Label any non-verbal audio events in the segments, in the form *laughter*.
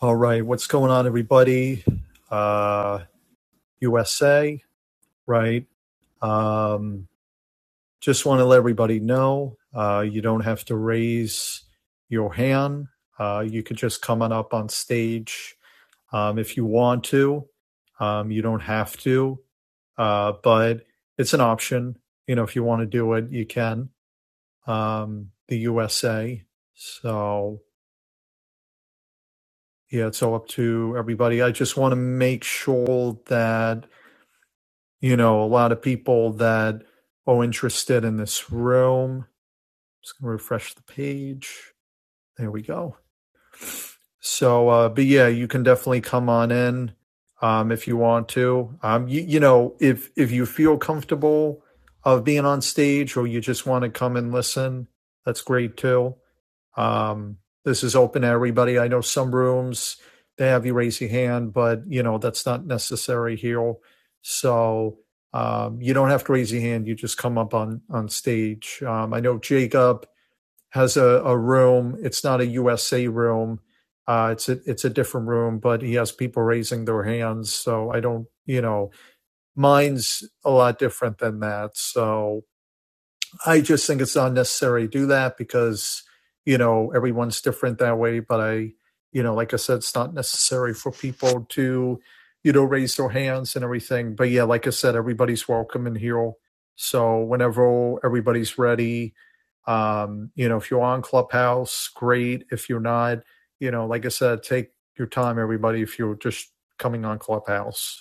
All right, what's going on, everybody? Uh, USA, right? Um, just want to let everybody know uh, you don't have to raise your hand. Uh, you could just come on up on stage um, if you want to. Um, you don't have to, uh, but it's an option. You know, if you want to do it, you can. Um, the USA. So, yeah, it's all up to everybody. I just want to make sure that you know, a lot of people that are interested in this room. Just gonna refresh the page. There we go. So, uh, but yeah, you can definitely come on in um, if you want to. Um, you, you know, if if you feel comfortable of being on stage or you just want to come and listen, that's great too. Um, this is open to everybody. I know some rooms they have you raise your hand, but you know that's not necessary here. So um, you don't have to raise your hand. You just come up on on stage. Um, I know Jacob has a, a room. It's not a USA room. Uh, it's a it's a different room, but he has people raising their hands. So I don't, you know, mine's a lot different than that. So I just think it's unnecessary to do that because, you know, everyone's different that way. But I, you know, like I said, it's not necessary for people to, you know, raise their hands and everything. But yeah, like I said, everybody's welcome in here. So whenever everybody's ready, um, you know, if you're on Clubhouse, great. If you're not, you know, like I said, take your time, everybody, if you're just coming on Clubhouse.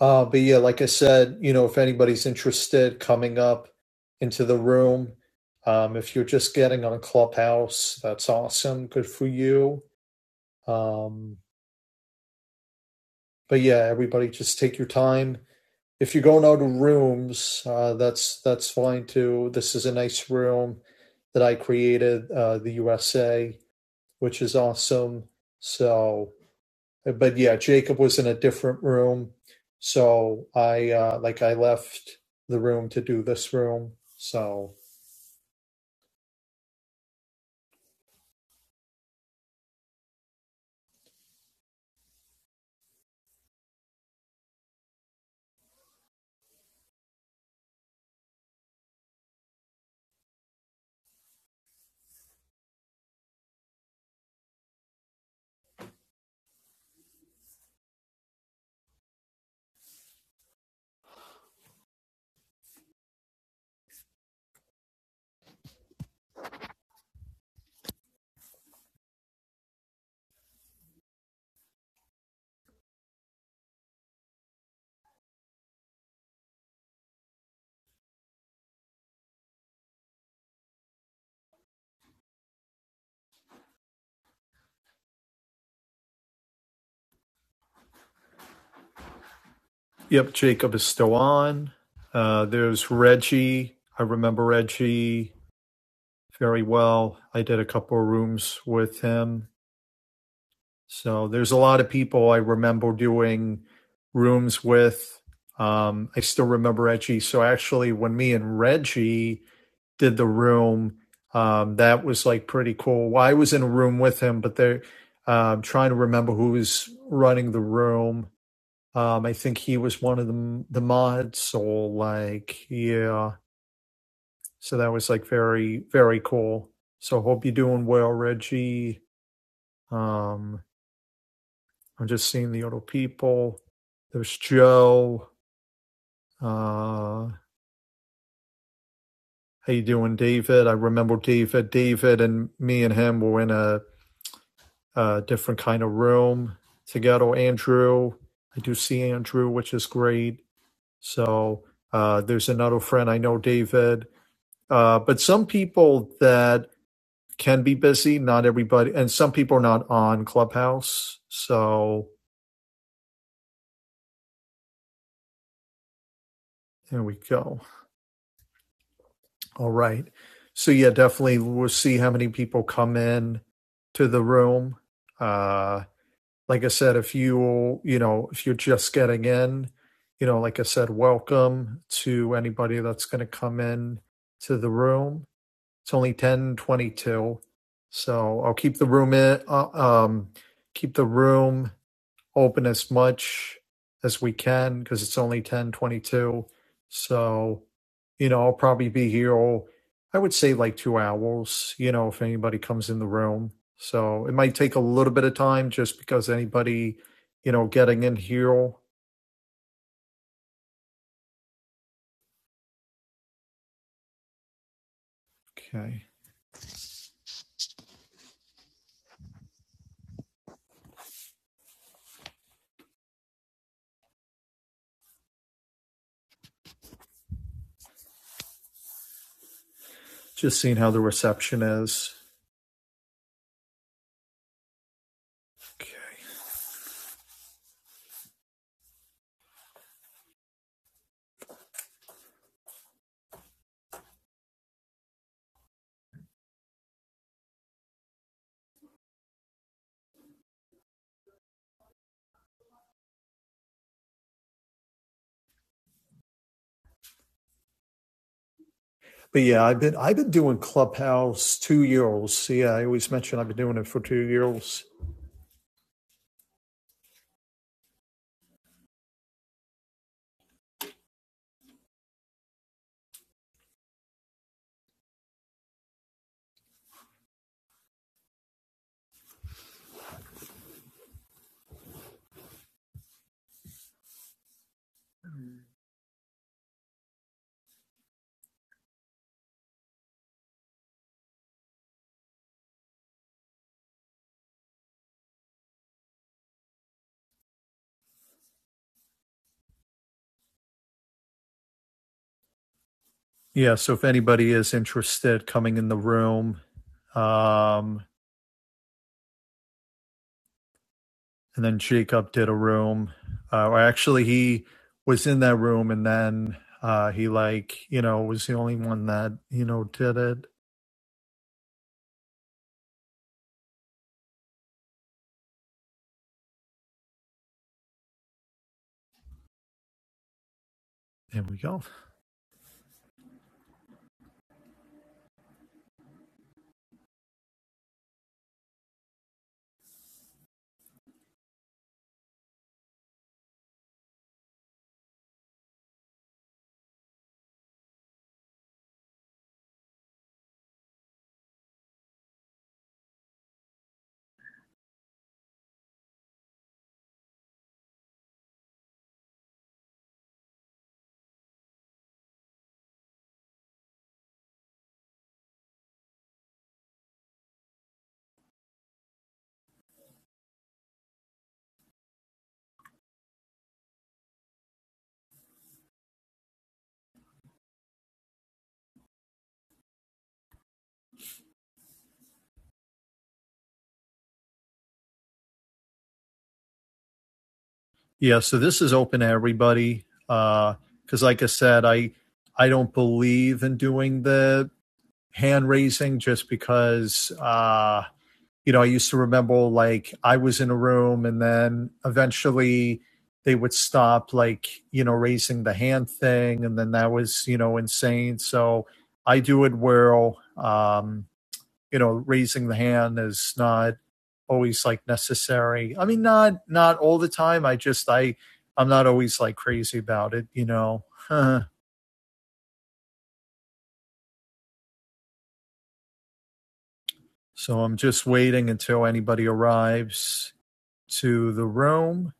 Uh, but yeah, like I said, you know, if anybody's interested coming up into the room, um, if you're just getting on Clubhouse, that's awesome. Good for you. Um, but yeah, everybody just take your time. If you're going out of rooms, uh, that's that's fine too. This is a nice room that I created, uh, the USA, which is awesome. So but yeah, Jacob was in a different room. So I uh, like I left the room to do this room. So yep, Jacob is still on. Uh, there's Reggie. I remember Reggie very well. I did a couple of rooms with him. So there's a lot of people I remember doing rooms with. Um, I still remember Reggie. So actually, when me and Reggie did the room. Um, that was like pretty cool. Well, I was in a room with him, but they're um, trying to remember who was running the room. Um, I think he was one of the the mods. So like, yeah. So that was like very very cool. So hope you're doing well, Reggie. Um, I'm just seeing the other people. There's Joe. Uh, how you doing, David? I remember David. David and me and him were in a uh, different kind of room together. Andrew, I do see Andrew, which is great. So uh, there's another friend I know, David. Uh, but some people that can be busy, not everybody, and some people are not on Clubhouse. So there we go. All right. So yeah, definitely we'll see how many people come in to the room. Uh, like I said, if you you know if you're just getting in, you know, like I said, welcome to anybody that's going to come in to the room. It's only ten twenty two, so I'll keep the room in. Uh, um, keep the room open as much as we can because it's only 1022. So, you know, I'll probably be here, all, I would say like two hours, you know, if anybody comes in the room. So it might take a little bit of time just because anybody, you know, getting in here. Okay. Just seeing how the reception is. Okay. But yeah, I've been I've been doing Clubhouse two years. Yeah, I always mention I've been doing it for two years. Yeah, so if anybody is interested coming in the room, Um, and then Jacob did a room. Uh, or actually, he was in that room, and then uh, he like you know was the only one that you know did it. There we go. Yeah. So this is open to everybody. Because, uh, like I said, I I don't believe in doing the hand raising just because. Uh, you know, I used to remember like I was in a room and then eventually they would stop like, you know, raising the hand thing. And then that was, you know, insane. So I do it where, um, you know, raising the hand is not always like necessary. I mean, not, not all the time. I just, I, I'm not always like crazy about it, you know. *laughs* so I'm just waiting until anybody arrives to the room.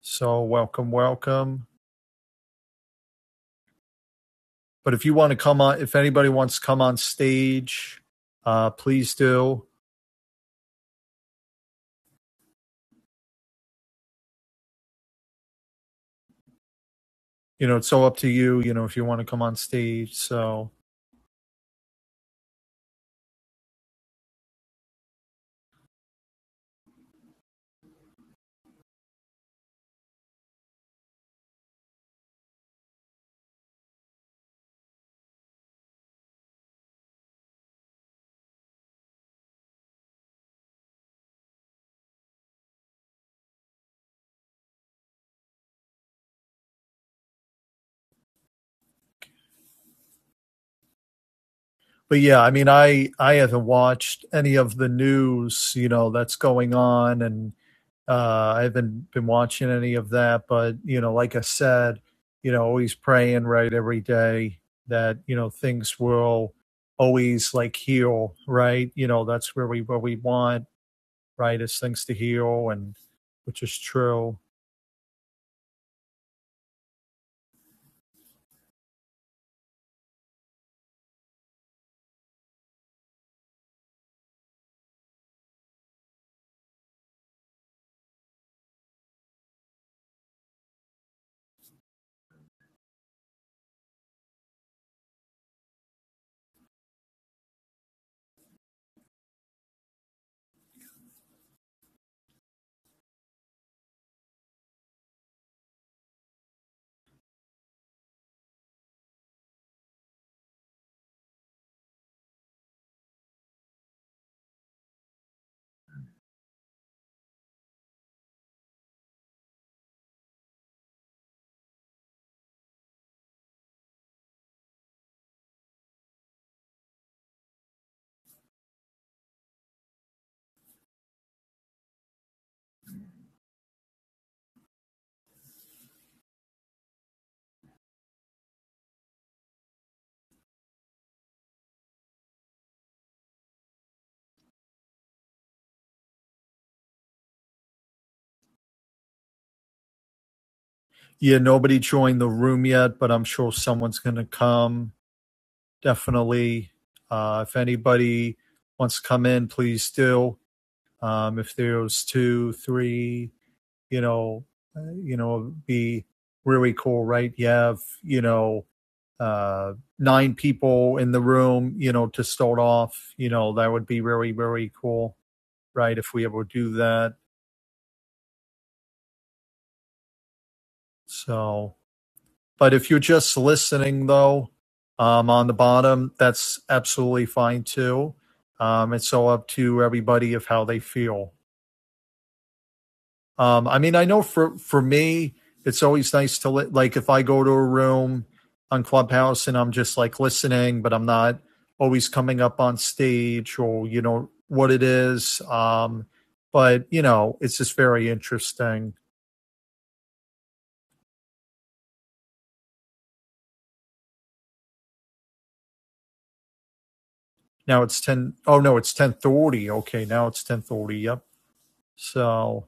So welcome, welcome. But if you want to come on, if anybody wants to come on stage, uh, please do. You know, it's so up to you. You know, if you want to come on stage. So, but yeah, I mean, I I haven't watched any of the news. You know, that's going on, and uh, I haven't been watching any of that. But you know, like I said, you know, always praying right every day that you know things will always like heal right you know that's where we where we want right? It's things to heal, and which is true. Yeah, nobody joined the room yet, but I'm sure someone's going to come. Definitely. Uh, if anybody wants to come in, please do. Um, if there's two, three, you know, uh, you know, it'd be really cool, right? You have, you know, uh, nine people in the room, you know, to start off. You know, that would be really, really cool, right? If we ever do that. So, But if you're just listening, though, um, on the bottom, that's absolutely fine too. Um, it's so up to everybody of how they feel. Um, I mean, I know for for me, it's always nice to li- like if I go to a room on Clubhouse and I'm just like listening, but I'm not always coming up on stage or you know what it is. Um, but you know, it's just very interesting. Now it's ten. Oh no, it's ten thirty. Okay, now it's ten thirty. Yep. So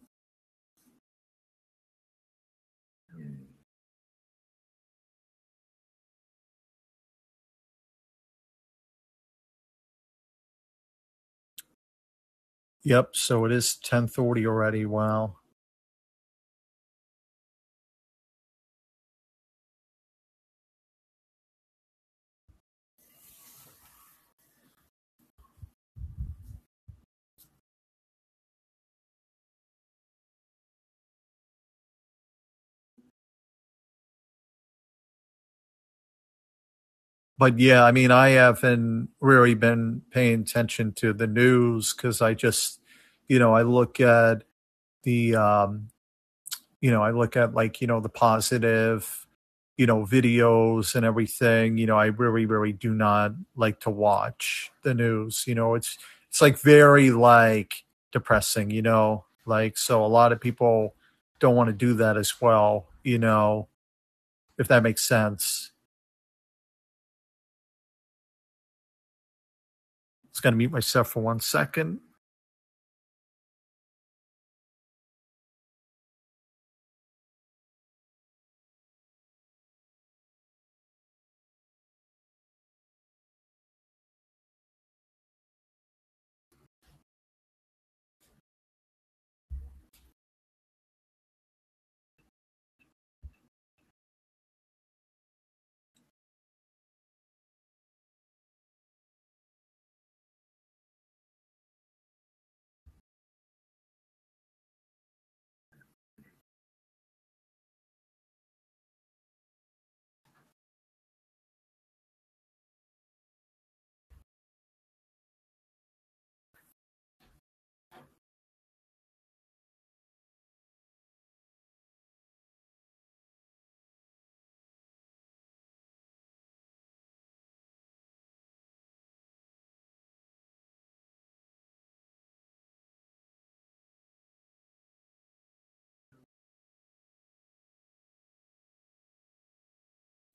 Yep. So it is ten thirty already. Wow. But yeah, I mean, I haven't really been paying attention to the news because I just, you know, I look at the, um, you know, I look at like you know the positive, you know, videos and everything. You know, I really, really do not like to watch the news. You know, it's it's like very like depressing. You know, like so a lot of people don't want to do that as well. You know, if that makes sense Just gotta mute myself for one second.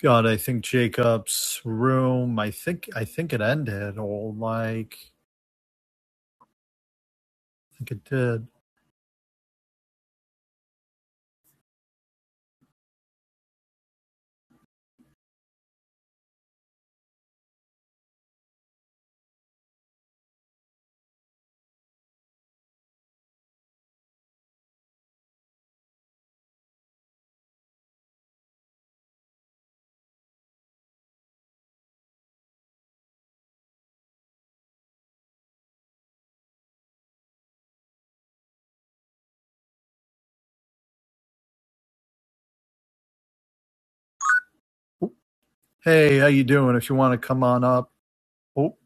God, I think Jacob's room. I think I think it ended, or like I think it did. Oop. Hey, how you doing? If you want to come on up. Oh,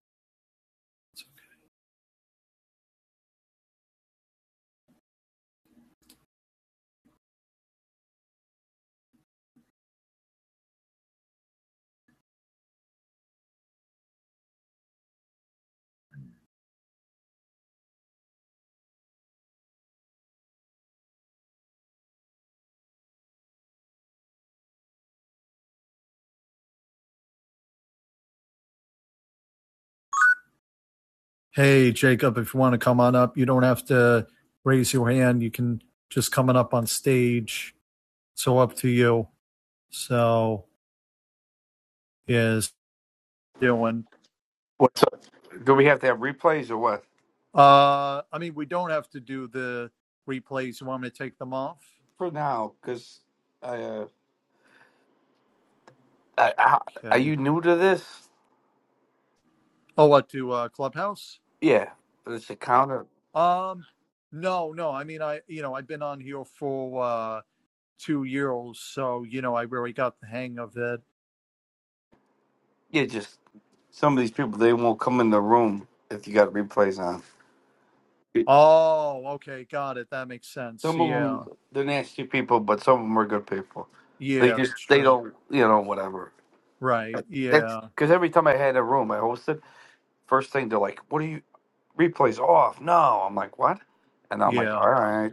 hey Jacob, if you want to come on up, you don't have to raise your hand. You can just coming up on stage. So up to you. So is doing. What's up? Do we have to have replays or what? Uh, I mean, we don't have to do the replays. You want me to take them off? For now, because I, uh, I, I, are Okay. you new to this? Oh, what to uh, Clubhouse? Yeah, it's a counter. Um, no, no. I mean, I you know I've been on here for uh, two years, so you know I really got the hang of it. Yeah, just some of these people they won't come in the room if you got replays on. Oh, okay, got it. That makes sense. Some of Yeah, them they're nasty people, but some of them are good people. They yeah, just that's they true. don't you know whatever. Right. That's Yeah, because every time I had a room I hosted, first thing they're like, "What are you replays off?" No, I'm like, "What?" And I'm like, yeah, "All right."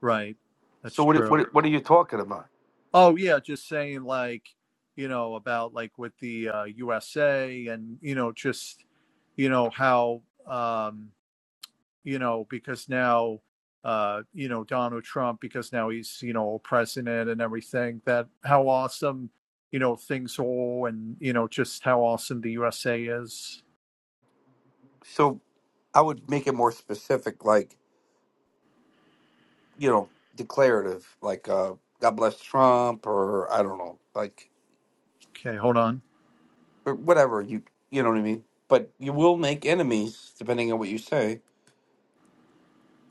right. That's So what true. what what are you talking about? Oh, yeah. Just saying, like, you know, about like with the uh, USA and you know, just you know how um you know, because now, uh, you know, Donald Trump, because now he's, you know, president and everything, that how awesome, you know, things are and, you know, just how awesome the USA is. So I would make it more specific, like, you know, declarative, like uh God bless Trump or I don't know, like Okay, hold on. or whatever you you know what I mean. But you will make enemies depending on what you say.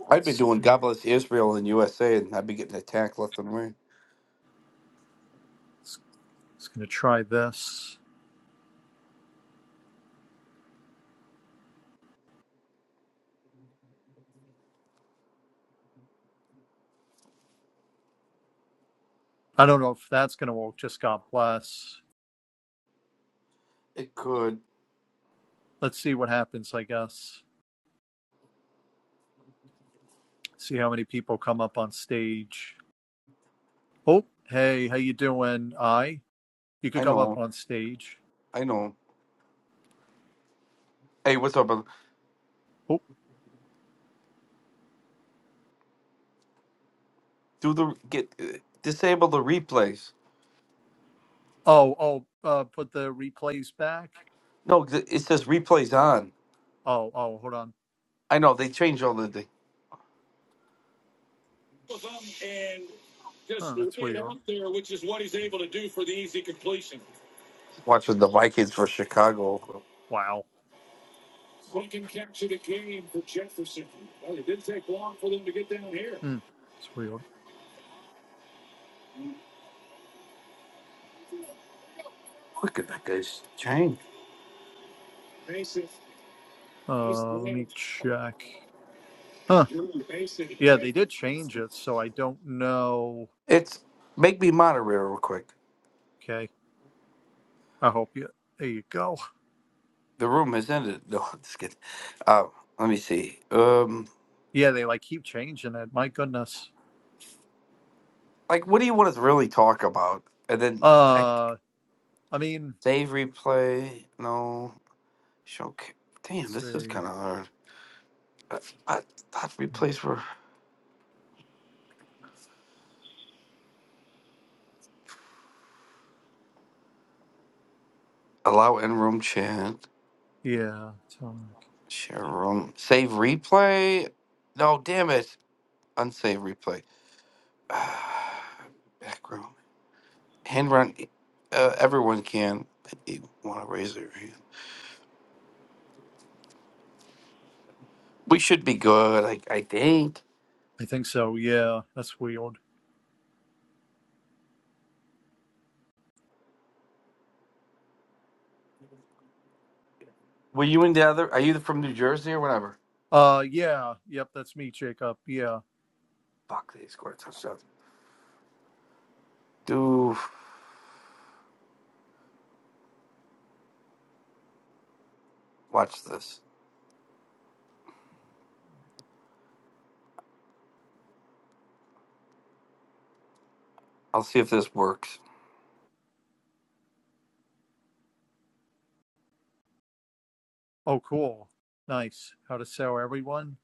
I've been It's, doing Mhm. God bless Israel and USA and I'd be getting attacked left and right. it's, it's going to try this. I don't know if that's going to work. Just God bless. It could. Let's see what happens, I guess. See how many people come up on stage. Oh, hey, how you doing? I. You could I come up know. on stage. I know. Hey, what's up? brother? Oh, Do the get uh, disable the replays. oh, oh, uh, put the replays back. No, th- it says replays on. Oh, oh, hold on. I know they change all the. and just Huh, that's hit weird. out there, which is what he's able to do for the easy completion. Watching the Vikings for Chicago. Wow. Who can capture the game for Jefferson? Well, it didn't take long for them to get down here. Hmm, that's weird. Look at that guy's chain. Mason, nice Uh, let play. me check. Huh. And Drew Mason Yeah, went. they did change it, so I don't know. It's make me moderator real quick. Okay. I hope you. There you go. The room has ended. No, *laughs* I'm just kidding. Uh, let me see. Um, Yeah, they like keep changing it. My goodness. like, what do you want us to really talk about? And then, I. Uh, I mean, Save replay. No. Show. ca- Damn, let's this is see. kind of hard. I, I thought replays were allow in room chat. Yeah, Tom. Share room. Save replay. No, damn it. Unsave replay. *sighs* Background. Hand run. e, Uh, everyone can. You want to raise their hand. We should be good. I, I think. I think so. Yeah, that's weird. Were you in the other? Are you from New Jersey or whatever? Uh, yeah. Yep, that's me, Jacob. Yeah. Fuck, they scored a touchdown. Do watch this. I'll see if this works. Oh, cool. Nice. How to sell everyone?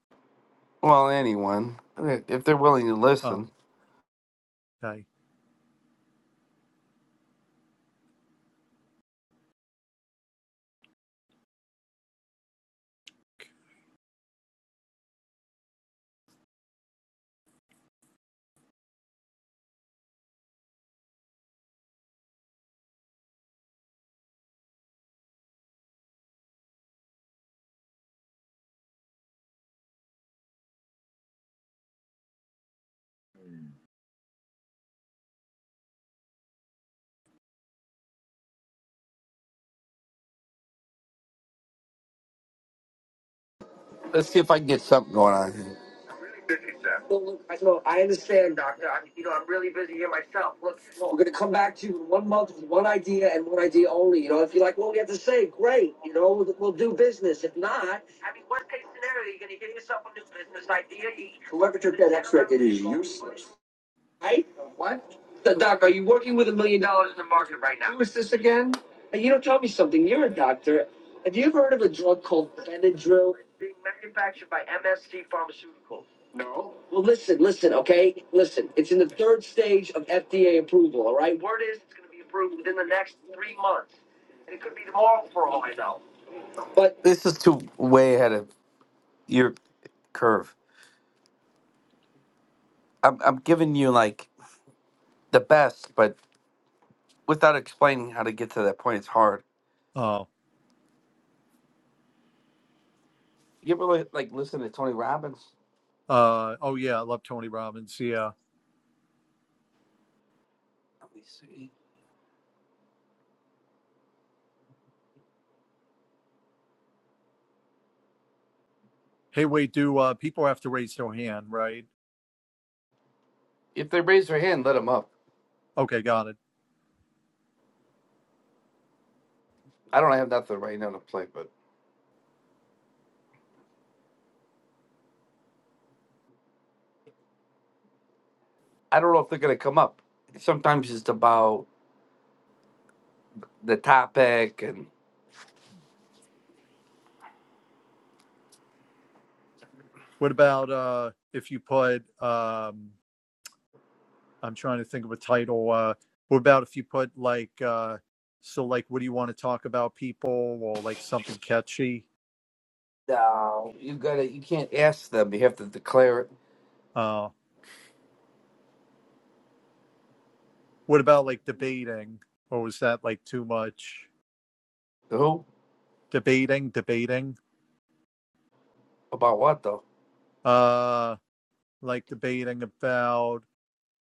Well, anyone, if they're willing to Oh, listen, okay. let's see if I can get something going on here. Well, look, I know I understand, Doctor. I, you know, I'm really busy here myself. Look, look, we're gonna come back to you in one month with one idea and one idea only. You know, if you like what we have to say, great. You know, we'll, we'll do business. If not, I mean, worst case scenario, you're gonna give yourself a new business idea. You, Whoever took that X-ray, is useless. Right? What? The doc, are you working with a million dollars in the market right now? Who is this again? Hey, You don't tell me something. You're a doctor. Have you ever heard of a drug called Benadryl? It's being manufactured by MSc Pharmaceuticals. No. Well, listen, listen, okay? Listen, it's in the third stage of FDA approval, all right? Word is it's going to be approved within the next three months. And it could be tomorrow for all I know. But This is too way ahead of your curve. I'm I'm giving you like the best, but without explaining how to get to that point, it's hard. Oh, You ever li- like listen to Tony Robbins? Uh, oh yeah, I love Tony Robbins. Yeah. Let me see. Hey, wait, do uh, people have to raise their hand, right? If they raise their hand, let them up. Okay, got it. I don't have nothing right now to play, but I don't know if they're gonna come up. Sometimes it's about the topic, and What about uh, if you put? Um, I'm trying to think of a title. Uh, what about if you put like? Uh, so like, what do you want to talk about, people, or like something catchy? no, you gotta you can't ask them. You have to declare it. Uh, what about like debating, or was that like too much? Who Debating, debating. about what though? Uh, like debating about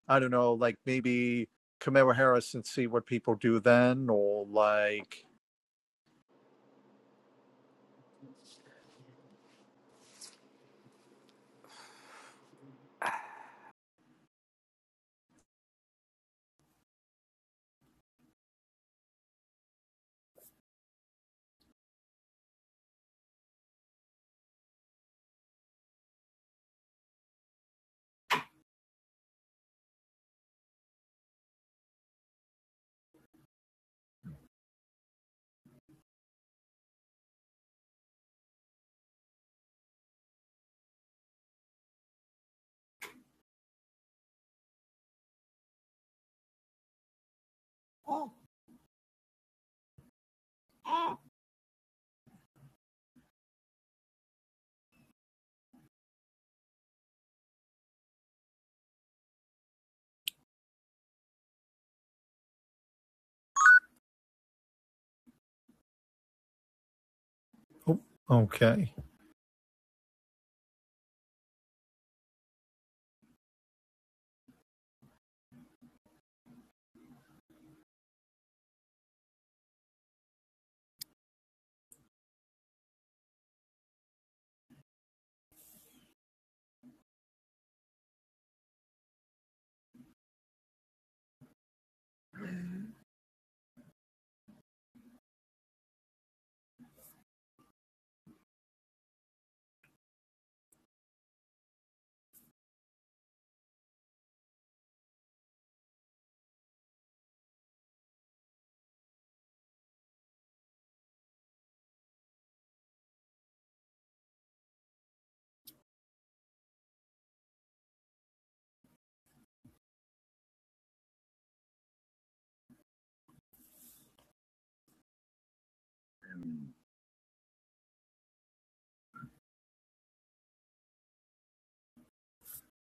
I don't know, like maybe Kamala Harris and see what people do then, or like Oh, okay,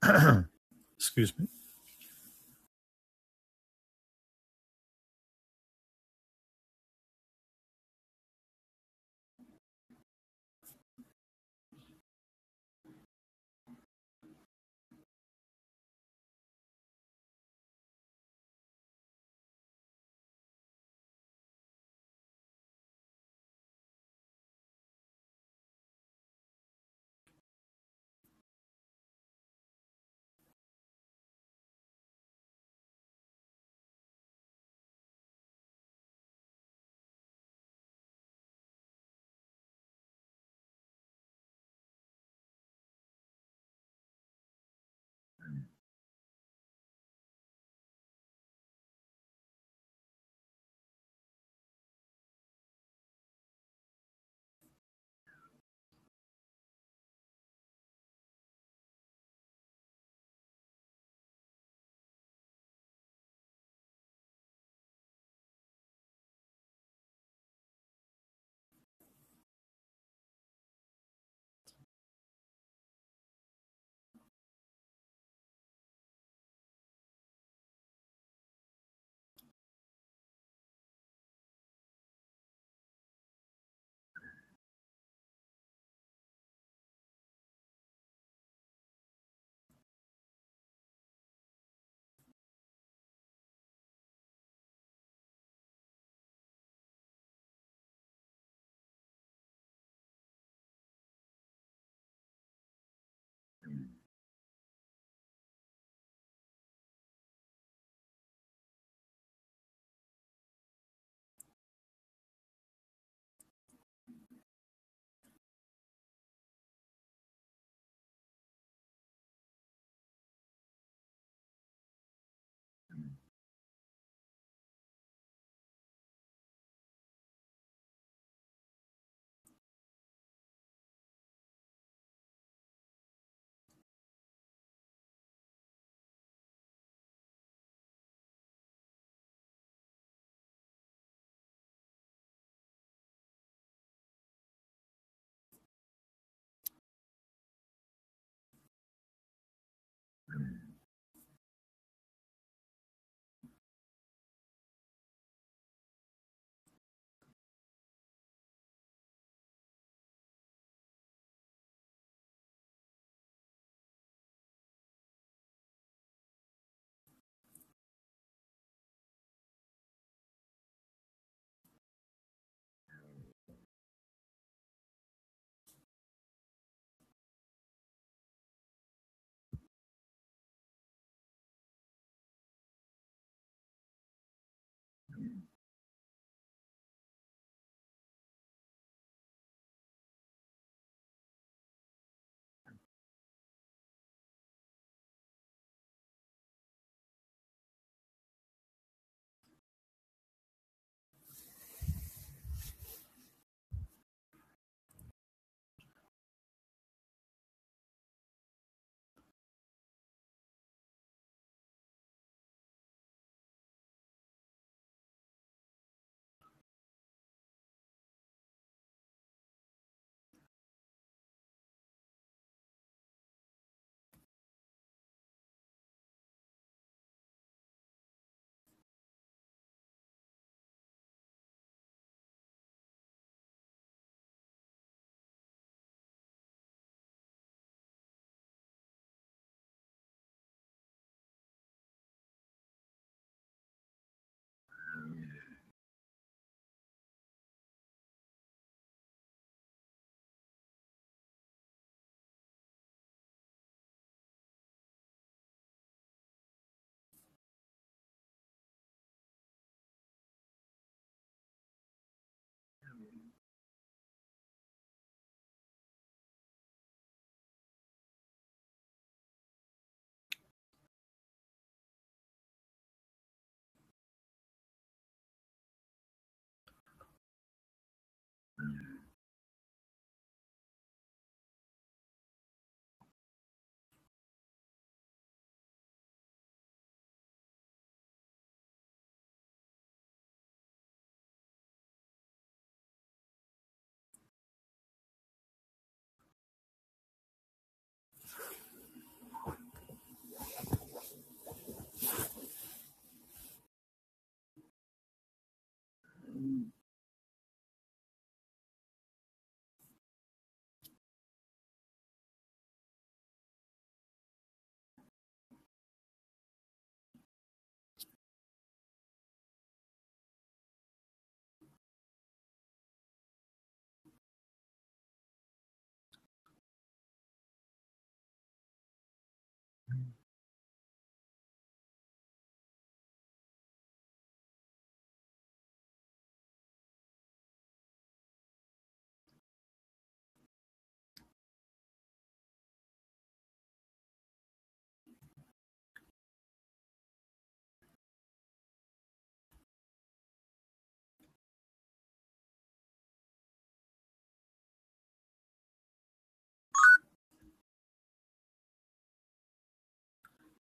*clears throat* excuse me.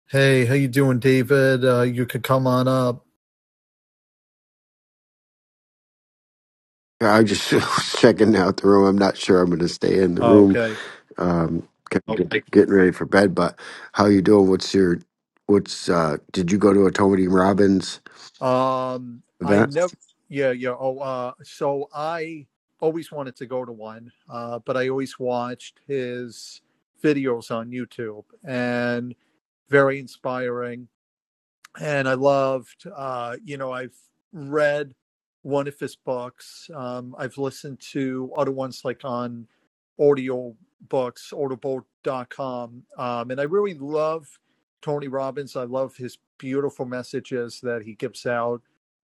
Hey, how you doing, David? Uh, you could come on up. I just *laughs* was checking out the room. I'm not sure I'm going to stay in the Oh, room. okay. Um, kind of Oh, get- getting ready for bed. But how you doing? What's your what's? uh Did you go to a Tony Robbins Um, I event? never. Yeah, yeah. Oh, uh, so I always wanted to go to one, uh, but I always watched his videos on YouTube, and very inspiring. and I loved. Uh, you know, I've read one of his books. Um, I've listened to other ones like on audio books, audible.com. Um, and I really love Tony Robbins. I love his beautiful messages that he gives out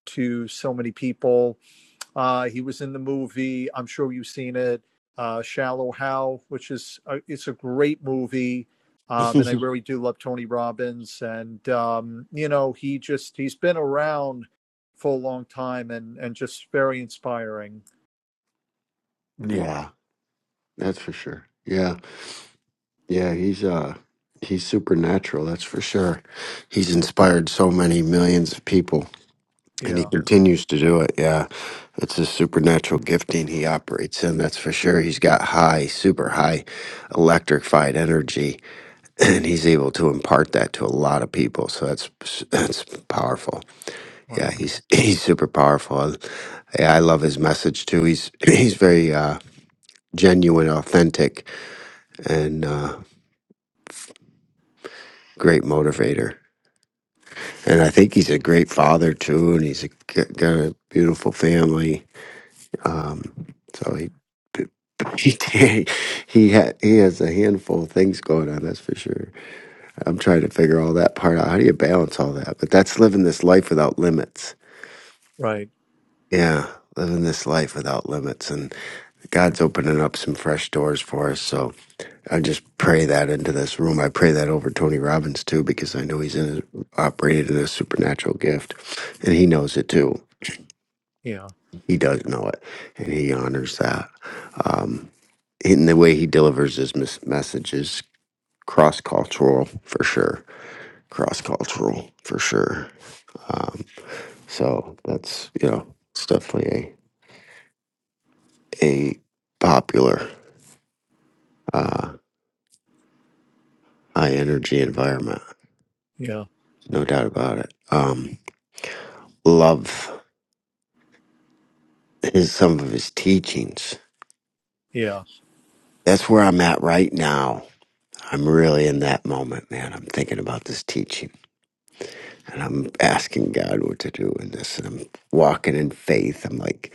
to so many people. Uh, he was in the movie. I'm sure you've seen it, uh, Shallow Hal, which is a, it's a great movie. Um, and I *laughs* really do love Tony Robbins. And um, you know, he just he's been around for a long time, and and just very inspiring. yeah, that's for sure. Yeah, yeah. He's uh he's supernatural. That's for sure. He's inspired so many millions of people, and he Yeah. continues to do it. Yeah, it's a supernatural gifting he operates in. That's for sure. He's got high, super high, electrified energy and he's able to impart that to a lot of people. So that's that's powerful. Wow. Yeah, he's *laughs* he's super powerful. And, Yeah, I love his message too. He's *laughs* *clears throat* he's very uh, genuine, authentic, and uh, great motivator. And I think he's a great father too. And he's a, g- got a beautiful family. Um, so he *laughs* he he, ha- he has a handful of things going on. That's for sure. I'm trying to figure all that part out. How do you balance all that? But that's living this life without limits Right. Yeah, living this life without limits. And God's opening up some fresh doors for us. So I just pray that into this room. I pray that over Tony Robbins too, because I know he's in operated in a supernatural gift and he knows it too. Yeah. He does know it and he honors that. Um, in the way he delivers his mes- messages, cross cultural for sure. Cross cultural for sure. Um, so that's, you know, it's definitely a, a popular. uh, high energy environment, Yeah. no doubt about it. Um, love his some of his teachings. Yeah. That's where I'm at right now. I'm really in that moment, man. I'm thinking about this teaching and I'm asking God what to do in this. And I'm walking in faith. I'm like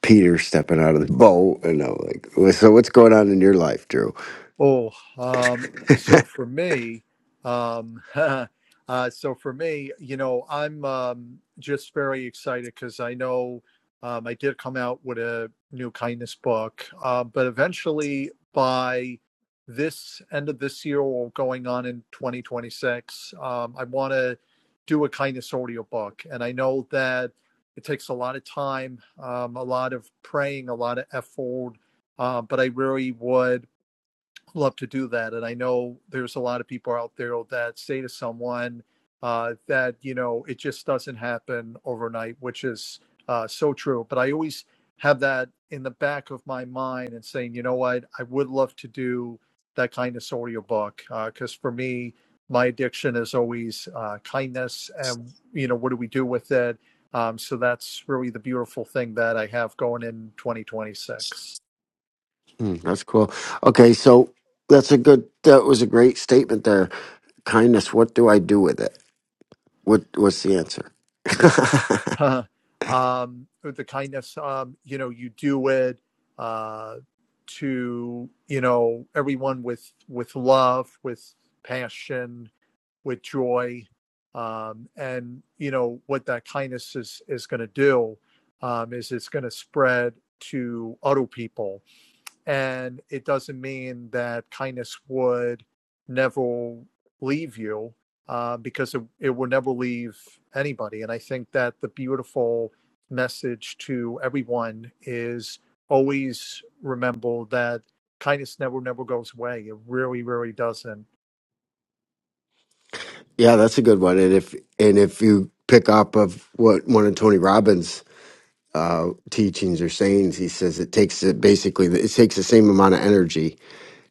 Peter stepping out of the boat. And I'm like, "Well, so what's going on in your life, Drew? Oh, um, so *laughs* for me, um, *laughs* uh, so for me, you know, I'm um, just very excited because I know um, I did come out with a new kindness book, uh, but eventually by this end of this year or going on in 2026, um, I want to do a kindness audio book, and I know that it takes a lot of time, um, a lot of praying, a lot of effort, uh, but I really would love to do that. And I know there's a lot of people out there that say to someone uh, that, you know, it just doesn't happen overnight, which is uh, so true. But I always have that in the back of my mind and saying, you know what, I would love to do that kind of book because uh, for me, my addiction is always uh, kindness and, you know, what do we do with it? Um, so that's really the beautiful thing that I have going in 2026. Hmm, that's cool. Okay. So that's a good, that was a great statement there. Kindness, what do I do with it? What what's the answer? *laughs* *laughs* um, the kindness, um, you know, you do it uh, to you know everyone with with love, with passion, with joy, um, and you know what that kindness is is going to do um, is it's going to spread to other people and it doesn't mean that kindness would never leave you uh, because it, it will never leave anybody. And I think that the beautiful message to everyone is always remember that kindness never, never goes away. It really, really doesn't. yeah, that's a good one. And if and if you pick up of what one of Tony Robbins' uh, teachings or sayings, he says it takes it basically it takes the same amount of energy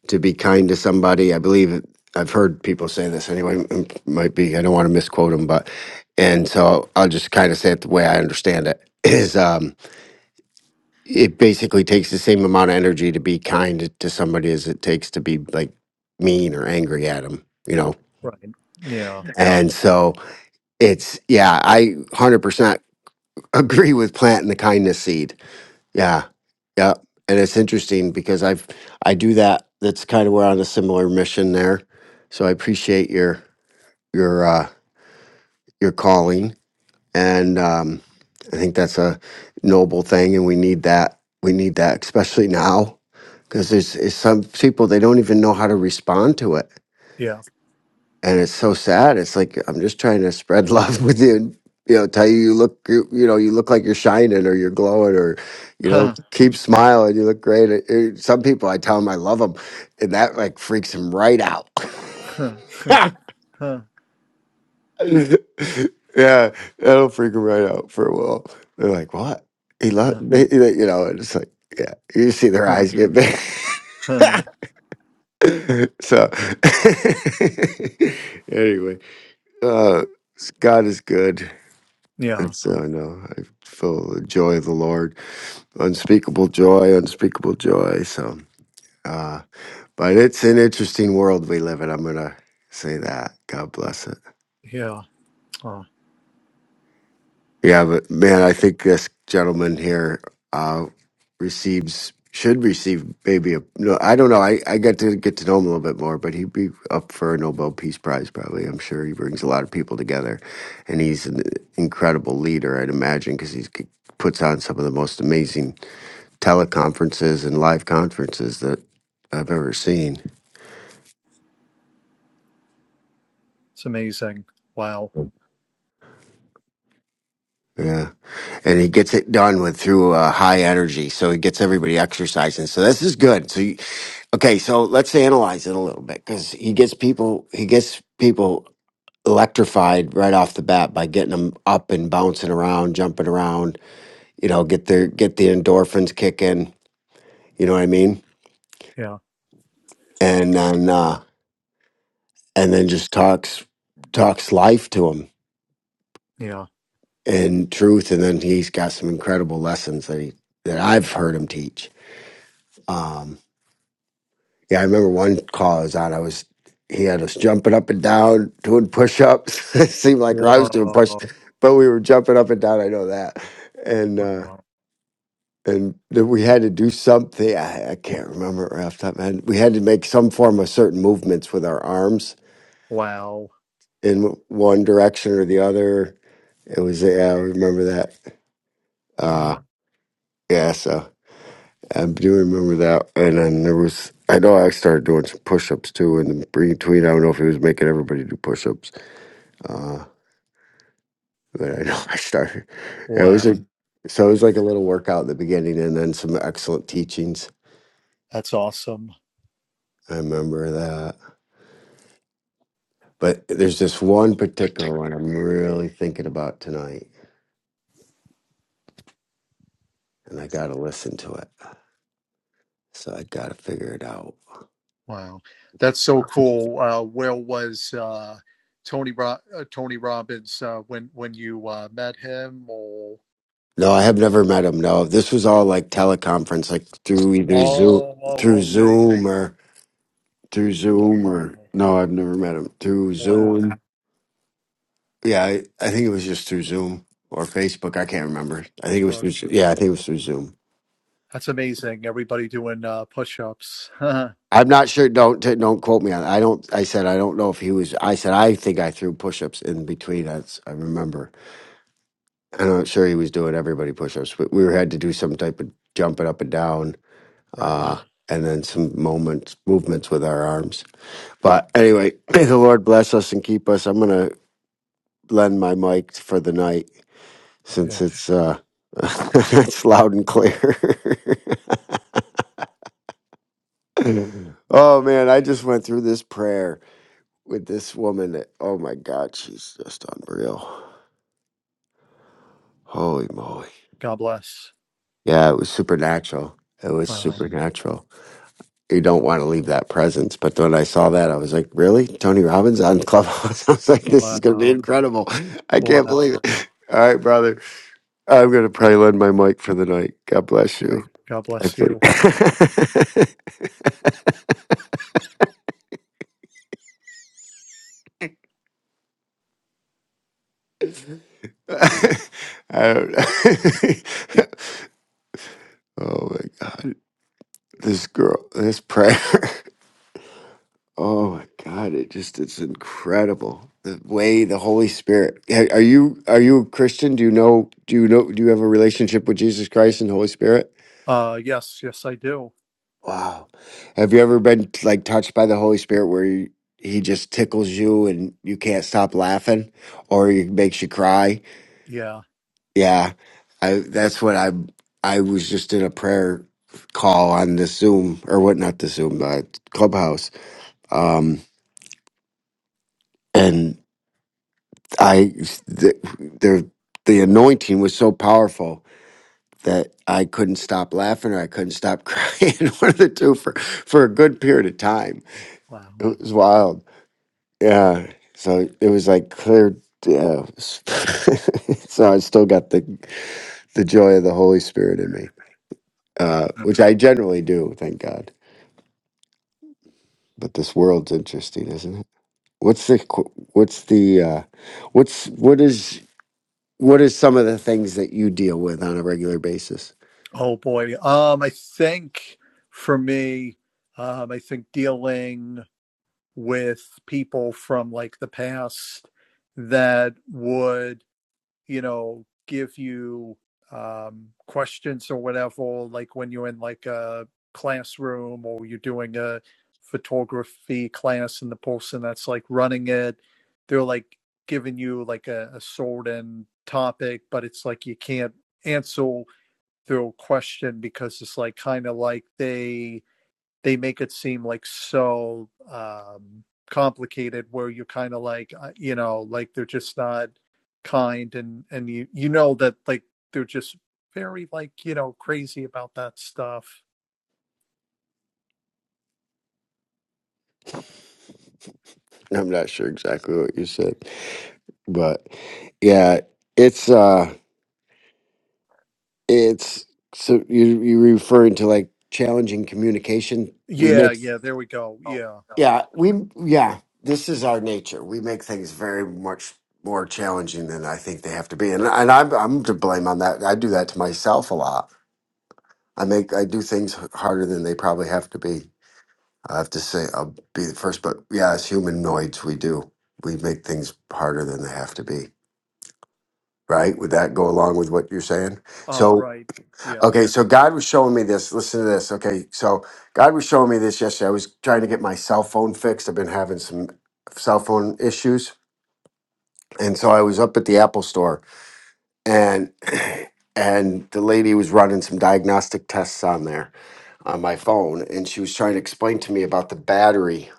to be kind to somebody. I believe it, I've heard people say this anyway. It might be I don't want to misquote him, but and so I'll just kind of say it the way I understand it *laughs* is um, it basically takes the same amount of energy to be kind to somebody as it takes to be like mean or angry at them. You know, Right. Yeah. Yeah. And so it's, yeah, I 100% *laughs* agree with planting the kindness seed. Yeah. Yeah. And it's interesting because I've, I do that. That's kind of we're on a similar mission there. So I appreciate your, your, uh, your calling. And, um, I think that's a noble thing. And we need that. We need that, especially now because there's, there's some people, they don't even know how to respond to it Yeah. and it's so sad. It's like I'm just trying to spread love *laughs* with you, and, you know, tell you you look, you, you know, you look like you're shining or you're glowing or, you know, *laughs* keep smiling. You look great. It- it- some people, I tell them I love them, and that like freaks them right out. *laughs* yeah, that'll freak them right out for a while. They're like, "What? He love?" they- they- You know, and it's like, yeah, you see their eyes get big. *laughs* so, *laughs* anyway, uh, God is good. yeah. It's uh, I know I feel the joy of the Lord, unspeakable joy, unspeakable joy. So, uh, but it's an interesting world we live in. I'm gonna say that. God bless it. Yeah. Oh, Yeah, but man, I think this gentleman here uh, receives should receive maybe a no. I don't know. I I got to get to know him a little bit more, but he'd be up for a Nobel Peace Prize probably. I'm sure he brings a lot of people together, and he's an incredible leader. I'd imagine because he puts on some of the most amazing teleconferences and live conferences that I've ever seen. it's amazing. Wow. Yeah. And he gets it done with through uh, high energy. So he gets everybody exercising. So this is good. So, you, okay. So let's analyze it a little bit because he gets people, he gets people electrified right off the bat by getting them up and bouncing around, jumping around, you know, get their, get the endorphins kicking. You know what I mean? Yeah. And then, uh, and then just talks, talks life to them Yeah. and truth, and then he's got some incredible lessons that he that I've heard him teach. Um, yeah, I remember one call I was on. I was he had us jumping up and down, doing push ups. *laughs* it seemed like I was doing Wow. push, but we were jumping up and down. I know that, and uh, Wow. and then we had to do something. I, I can't remember it right off the top of my head. We had to make some form of certain movements with our arms Wow. in one direction or the other. It was yeah, I remember that. Wow. Uh, yeah, so I do remember that, and then there was. I know I started doing some push-ups too, and the between, I don't know if he was making everybody do push-ups, uh, but I know *laughs* I started. It Wow. was a, so it was like a little workout in the beginning, and then some excellent teachings. That's awesome. I remember that. But there's this one particular one I'm really thinking about tonight, and I got to listen to it. So I got to figure it out. Wow. That's so cool. Uh, where was uh, Tony Ro- uh, Tony Robbins uh, when when you uh, met him or No, I have never met him. No, this was all like teleconference, like through either Zoom, Oh, oh, through okay. Zoom or through Wow. Zoom or no, I've never met him through Wow. Zoom. Yeah, I, I think it was just through Zoom or Facebook. I can't remember. I think it was So through. Zo- Yeah, I think it was through Zoom. That's amazing. Everybody doing uh, push-ups. *laughs* I'm not sure. Don't t- don't quote me on. I don't. I said I don't know if he was. I said I think I threw push-ups in between. That's I remember. I'm not sure he was doing everybody push-ups, but we had to do some type of jumping up and down, right. uh, and then some moments movements with our arms. But anyway, *clears throat* may the Lord bless us and keep us. I'm gonna lend my mic for the night. Yeah. since it's uh *laughs* it's loud and clear. *laughs* oh man, I just went through this prayer with this woman. that- Oh my god, she's just unreal. Holy moly. God bless. Yeah, it was supernatural. It was Wow. supernatural. You don't want to leave that presence. But when I saw that, I was like, really? Tony Robbins on Clubhouse? *laughs* I was like, this is going to be Wow. incredible. I can't Wow. believe it. All right, brother. I'm going to probably lend my mic for the night. God bless you. Okay. God I bless you. think. *laughs* *laughs* I don't know. *laughs* oh my god, this girl, this prayer. *laughs* Oh my god, it just it's incredible. The way the Holy Spirit. Hey, Are you are you a Christian? Do you know do you know do you have a relationship with Jesus Christ and Holy Spirit? Uh yes, yes I do. Wow. Have you ever been like touched by the Holy Spirit where you, he just tickles you and you can't stop laughing or he makes you cry? Yeah. Yeah, I that's what I I was just in a prayer call on the Zoom or what not the Zoom uh, Clubhouse, um, and I the, the the anointing was so powerful that I couldn't stop laughing or I couldn't stop *laughs* crying, one of the two for for a good period of time. Wow. It was wild. Yeah, so it was like clear. Yeah. *laughs* so I still got the the joy of the Holy Spirit in me. uh, which I generally do, thank God. But this world's interesting, isn't it? What's the qu- what's the uh, what's what is what is some of the things that you deal with on a regular basis? Oh boy. Um, I think for me, um, I think dealing with people from like the past that would, you know, give you um, questions or whatever, like when you're in like a classroom or you're doing a photography class and the person that's like running it, they're like giving you like a, a certain topic, but it's like you can't answer through question because it's like kind of like they they make it seem like so um complicated where you're kind of like uh, you know like they're just not kind and and you you know that like they're just very like you know crazy about that stuff I'm not sure exactly what you said, but yeah, it's uh, it's so you you referring to like challenging communication. We yeah make. yeah there we go yeah Yeah, we yeah, this is our nature. We make things very much more challenging than I think they have to be, and and I'm I'm to blame on that. I do that to myself a lot. I make I do things h- harder than they probably have to be. I have to say I'll be the first, but yeah, as humanoids, we do we make things harder than they have to be. Right? Would that go along with what you're saying? uh So right yeah Okay, so God was showing me this. Listen to this. Okay, so God was showing me this yesterday. I was trying to get my cell phone fixed. I've been having some cell phone issues, and so I was up at the Apple store, and *clears throat* and the lady was running some diagnostic tests on there on my phone, and she was trying to explain to me about the battery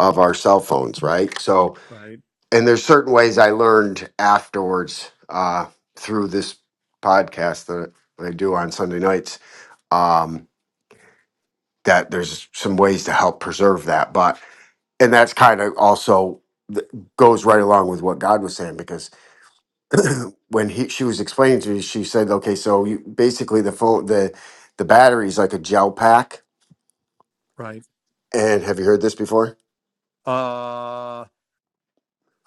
of our cell phones, right? So, right and there's certain ways I learned afterwards uh, through this podcast that I do on Sunday nights Um that there's some ways to help preserve that. But and that's kind of also th- goes right along with what God was saying because when he she was explaining to me, she said, "Okay, so you basically the phone the the battery is like a gel pack." right And have you heard this before? uh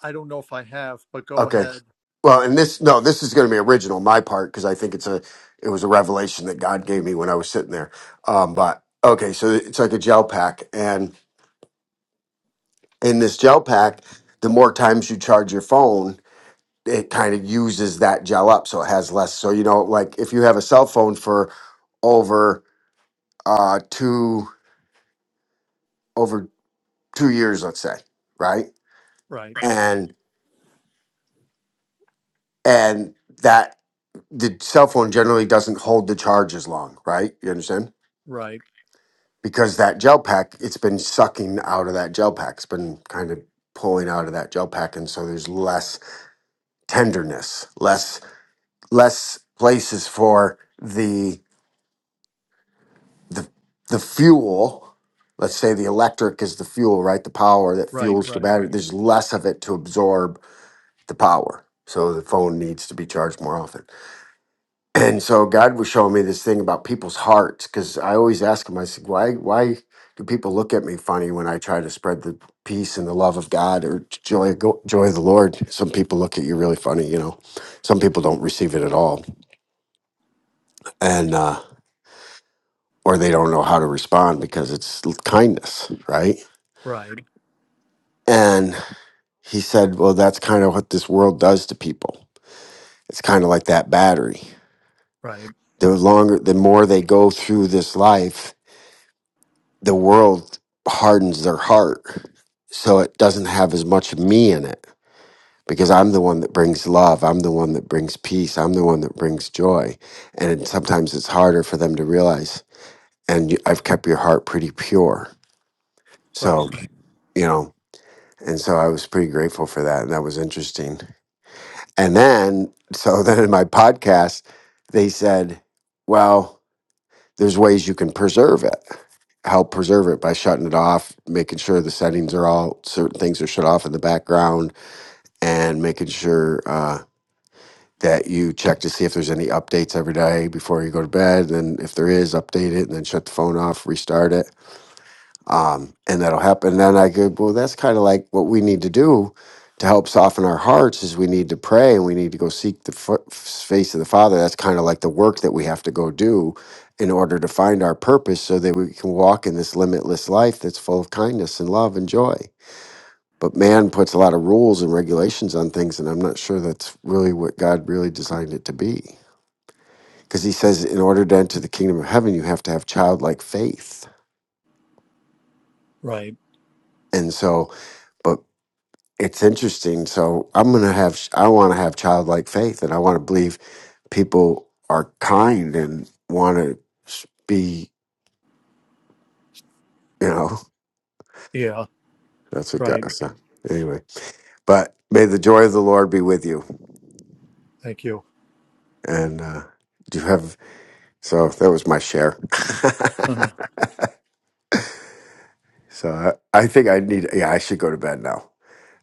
i don't know if i have but go Okay, ahead well, and this no, this is going to be original my part because I think it's a it was a revelation that God gave me when I was sitting there. Um, but okay, so it's like a gel pack, and in this gel pack, the more times you charge your phone it kind of uses that gel up so it has less so you know like if you have a cell phone for over uh two over two years let's say right right Right. and and that the cell phone generally doesn't hold the charge as long right you understand right because that gel pack it's been sucking out of that gel pack it's been kind of pulling out of that gel pack and so there's less tenderness less less places for the the the fuel let's say the electric is the fuel right the power that right fuels the right battery there's less of it to absorb the power so the phone needs to be charged more often and so god was showing me this thing about people's hearts because i always ask him i said why why do people look at me funny when i try to spread the peace and the love of god or joy go- joy of the lord some people look at you really funny you know some people don't receive it at all and uh or they don't know how to respond because it's kindness right right And he said, Well, that's kind of what this world does to people. It's kind of like that battery. right The longer, the more they go through this life, the world hardens their heart. So it doesn't have as much of me in it because I'm the one that brings love. I'm the one that brings peace. I'm the one that brings joy. And sometimes it's harder for them to realize. And you, I've kept your heart pretty pure. right So, you know, and so I was pretty grateful for that. And that was interesting. And then, so *laughs* then in my podcast, they said, well, there's ways you can preserve it, help preserve it by shutting it off, making sure the settings are all, certain things are shut off in the background, and making sure uh, that you check to see if there's any updates every day before you go to bed. And if there is, update it and then shut the phone off, restart it um, and that'll happen. And then I go, well, that's kind of like what we need to do to help soften our hearts is we need to pray and we need to go seek the fa- face of the Father. That's kind of like the work that we have to go do in order to find our purpose so that we can walk in this limitless life that's full of kindness and love and joy. But man puts a lot of rules and regulations on things, and I'm not sure that's really what God really designed it to be. Because he says, in order to enter the kingdom of heaven, you have to have childlike faith. right And so, but it's interesting. So I'm gonna have I want to have childlike faith, and I want to believe people are kind and want to be. You know, yeah *laughs* that's what Right. God. So anyway, but may the joy of the Lord be with you. Thank you. And uh, do you have? So that was my share. Uh-huh. *laughs* so I, I think I need. Yeah, I should go to bed now.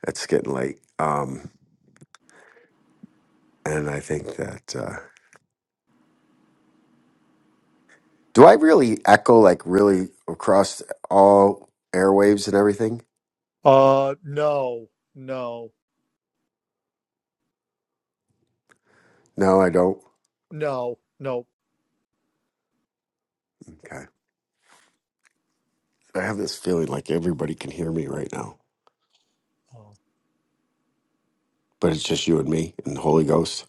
It's getting late. Um, and I think that. Uh, do I really echo like really across all airwaves and everything? Uh, no, no, No, I don't. no, no. Okay. I have this feeling like everybody can hear me right now, Oh. but it's just you and me and the Holy Ghost.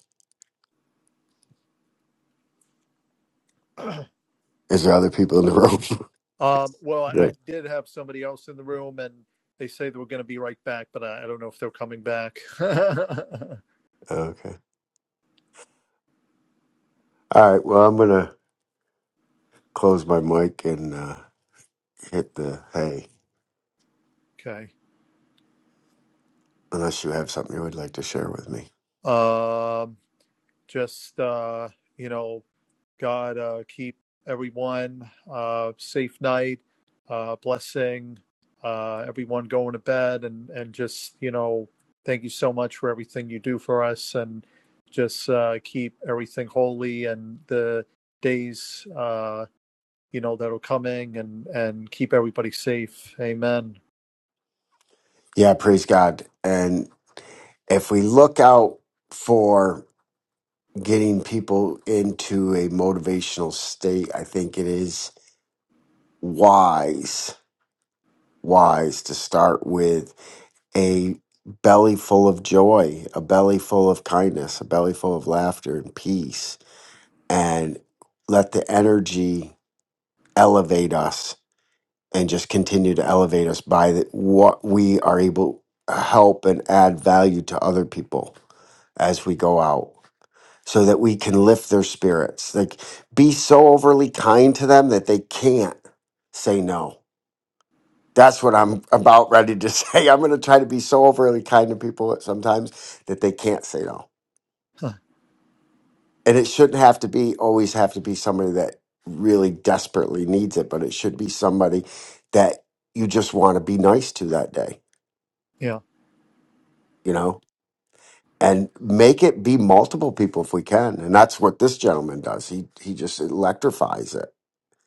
Is there other people in the room? Um, well, *laughs* I, yeah. I did have somebody else in the room, and they say they were going to be right back, but I, I don't know if they're coming back. *laughs* okay. Okay. All right. Well, I'm going to close my mic and uh, hit the hey, unless you have something you would like to share with me. Um, just uh, you know, God uh, keep everyone uh, safe night, uh, blessing uh, everyone going to bed, and and just you know thank you so much for everything you do for us, and just uh, keep everything holy and the days uh, you know that are coming, and and keep everybody safe. Amen. Yeah. Praise God. And if we look out for getting people into a motivational state, I think it is wise, wise to start with a belly full of joy, a belly full of kindness, a belly full of laughter and peace, and let the energy elevate us and just continue to elevate us by the, what we are able to help and add value to other people as we go out so that we can lift their spirits like be so overly kind to them that they can't say no That's what I'm about ready to *laughs* say. I'm going to try to be so overly kind to people sometimes that they can't say no. And it shouldn't have to be always have to be somebody that really desperately needs it, but it should be somebody that you just want to be nice to that day, Yeah, you know? And make it be multiple people if we can. And that's what this gentleman does. He he just electrifies it.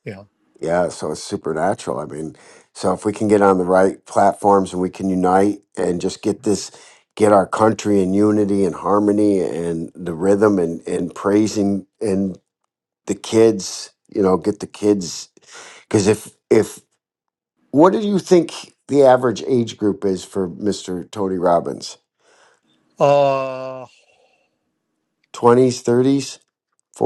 yeah. Yeah, so it's supernatural. I mean, so if we can get on the right platforms and we can unite and just get this, get our country in unity and harmony and the rhythm and, and praising and the kids, you know, get the kids. Because if, if, what do you think the average age group is for Mr. Tony Robbins? Uh, 20s, 30s,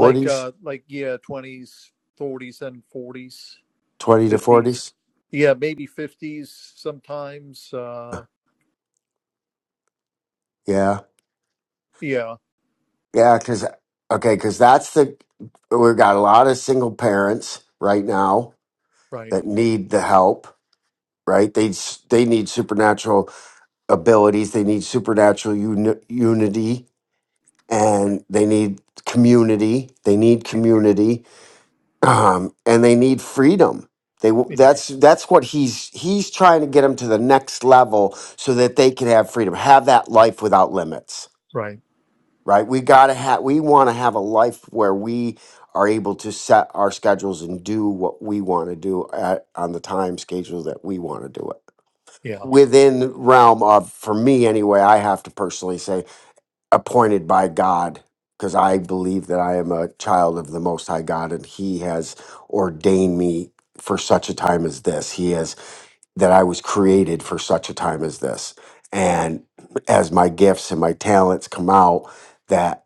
like uh, like yeah, twenties, thirties, and forties. 20 to 50s. 40s? Yeah, maybe 50s sometimes. Uh, Yeah. yeah, Yeah, because okay, because that's the we've got a lot of single parents right now right, that need the help. Right? They s- they need supernatural abilities. They need supernatural uni- unity, right. and they need community. They need Yeah, community, um, and they need freedom. They w- yeah, that's that's what he's he's trying to get them to the next level so that they can have freedom, have that life without limits right. right? We gotta have, we want to have a life where we are able to set our schedules and do what we want to do at, on the time schedule that we want to do it Yeah, within realm of, for me anyway, I have to personally say, appointed by God, because I believe that I am a child of the Most High God, and He has ordained me for such a time as this. He has that I was created for such a time as this. And as my gifts and my talents come out, that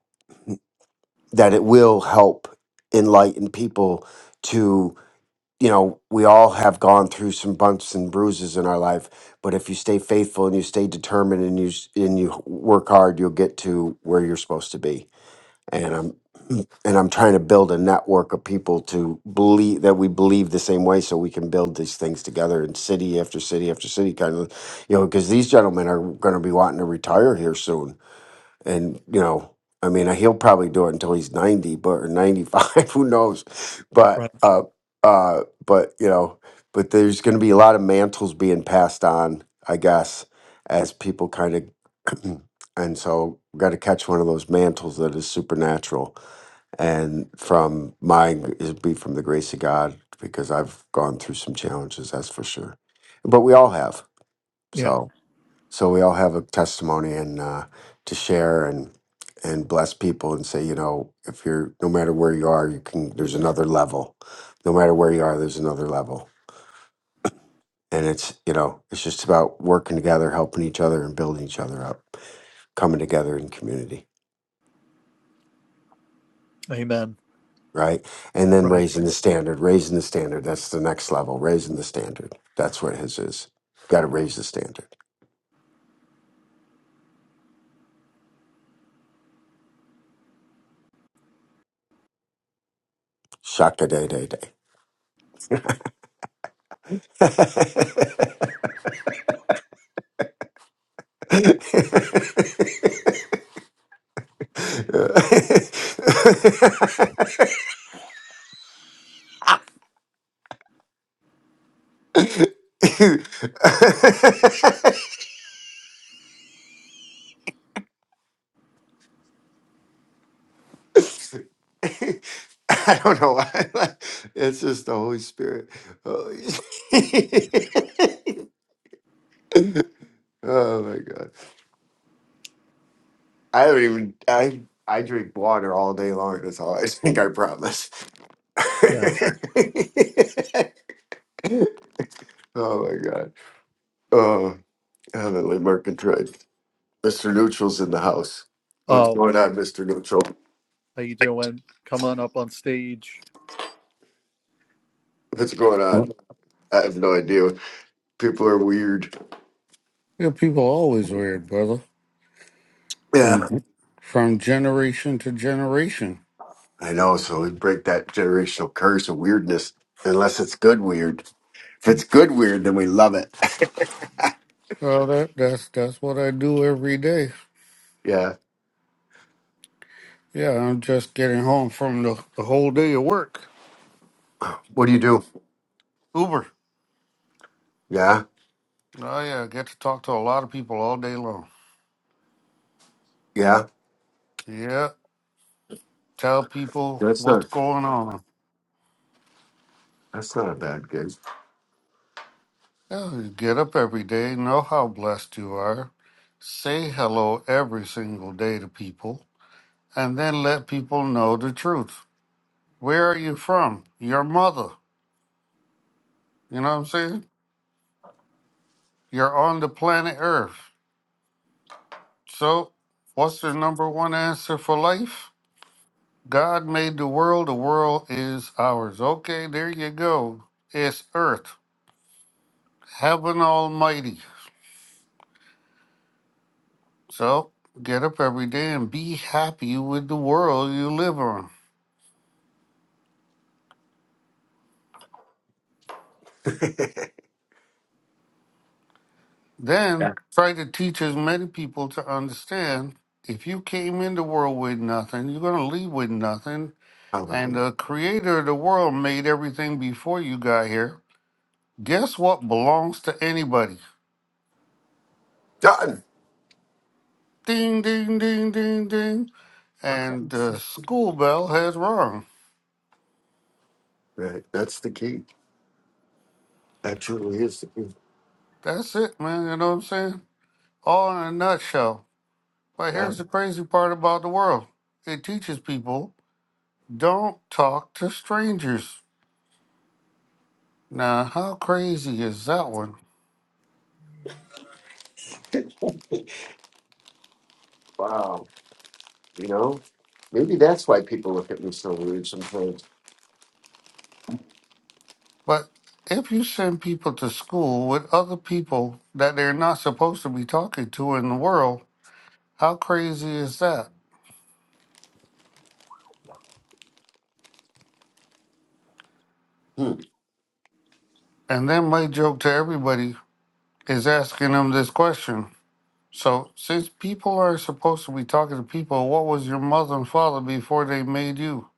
that it will help enlighten people to you know we all have gone through some bumps and bruises in our life but if you stay faithful and you stay determined and you s- and you work hard you'll get to where you're supposed to be and i'm *clears throat* and i'm trying to build a network of people to believe that we believe the same way so we can build these things together in city after city after city kind of you know because these gentlemen are going to be wanting to retire here soon and you know i mean uh, he'll probably do it until he's 90 but or 95 *laughs* who knows but right. uh uh but you know but there's going to be a lot of mantles being passed on i guess as people kind of *clears throat* and so got to catch one of those mantles that is supernatural and from mine is be from the grace of god because i've gone through some challenges that's for sure but we all have Yeah, so so we all have a testimony and uh, to share and and bless people and say, you know, if you're no matter where you are, you can. There's another level. No matter where you are, there's another level. And it's you know, it's just about working together, helping each other, and building each other up, coming together in community, amen. right? And then Right. raising the standard, raising the standard. That's the next level. Raising the standard. That's what his is. Got to raise the standard. Shaka day day day. *laughs* *laughs* I don't know why. *laughs* It's just the Holy Spirit. Holy *laughs* oh my god! I do not even. I I drink water all day long. That's all I think. I promise. *laughs* Okay. oh my god! Oh, heavenly mercantile. Mr. Neutral's in the house. What's Oh, going on, Mr. Neutral? how you doing? Come on up on stage. What's going on? Your I have no idea. People are weird. people are always weird, brother. From Yeah, from generation to generation. I know. So we break that generational curse of weirdness, unless it's good weird. If it's good weird, then we love it. Well, that that's that's what I do every day. *laughs* yeah. Yeah, I'm just getting home from the, the whole day of work. What do you do? Uber. Yeah, Oh yeah, I get to talk to a lot of people all day long. yeah. Yeah, tell people That's what's not. going on. That's not a bad gig. Yeah, you get up every day, know how blessed you are. Say hello every single day to people, and then let people know the truth. Where are you from? Your mother. You know what I'm saying? You're on the planet Earth. So, what's the number one answer for life? God made the world, the world is ours. Okay, there you go. It's Earth, Heaven Almighty. So, get up every day and be happy with the world you live on. *laughs* yeah. Then, try to teach as many people to understand if you came in the world with nothing, you're going to leave with nothing. And Probably. the creator of the world made everything before you got here Guess what belongs to anybody? Done. Ding, ding, ding, ding, ding. Okay. And the school bell has rung. Right. That's the key. That truly is the key. That's it, man. You know what I'm saying? All in a nutshell. But Yeah. here's the crazy part about the world it teaches people don't talk to strangers. Now, how crazy is that one? Wow. You know, maybe that's why people look at me so weird sometimes. But if you send people to school with other people that they're not supposed to be talking to in the world, how crazy is that? Hmm. And then my joke to everybody is asking them this question. So, since people are supposed to be talking to people, what was your mother and father before they made you?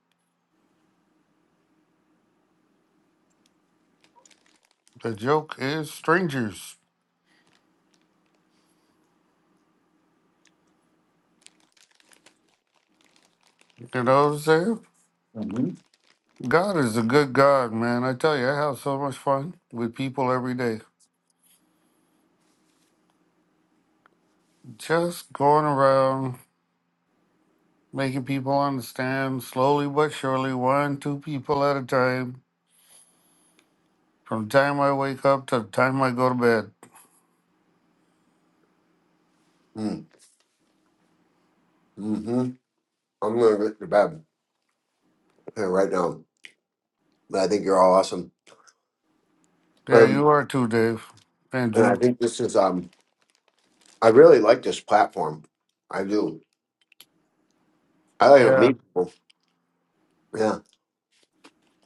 The joke is strangers. You know what I'm saying? Mm-hmm. God is a good God, man. I tell you, I have so much fun with people every day. Just going around, making people understand slowly but surely, one, two people at a time, from the time I wake up to the time I go to bed. Mm-hmm. I'm gonna get to bed. uh, right now. But I think you're all awesome. Yeah, Um, you are too, Dave. and I Andrew. think this is um, I really like this platform. I do. I like to Yeah. meet people. Yeah,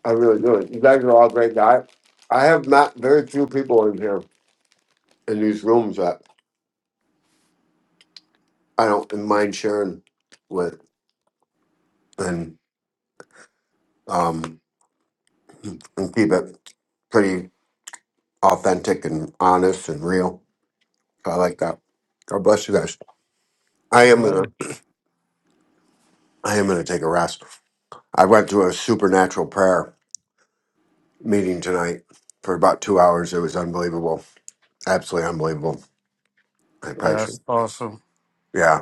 I really do. You guys are all great guys. I have met very few people in here in these rooms that I don't mind sharing with, and um, and keep it pretty authentic and honest and real. So I like that. God bless you guys. I God am bless. yeah. gonna I am gonna take a rest. I went through a supernatural prayer meeting tonight for about two hours. It was unbelievable, absolutely unbelievable. I probably That's should. awesome. Yeah,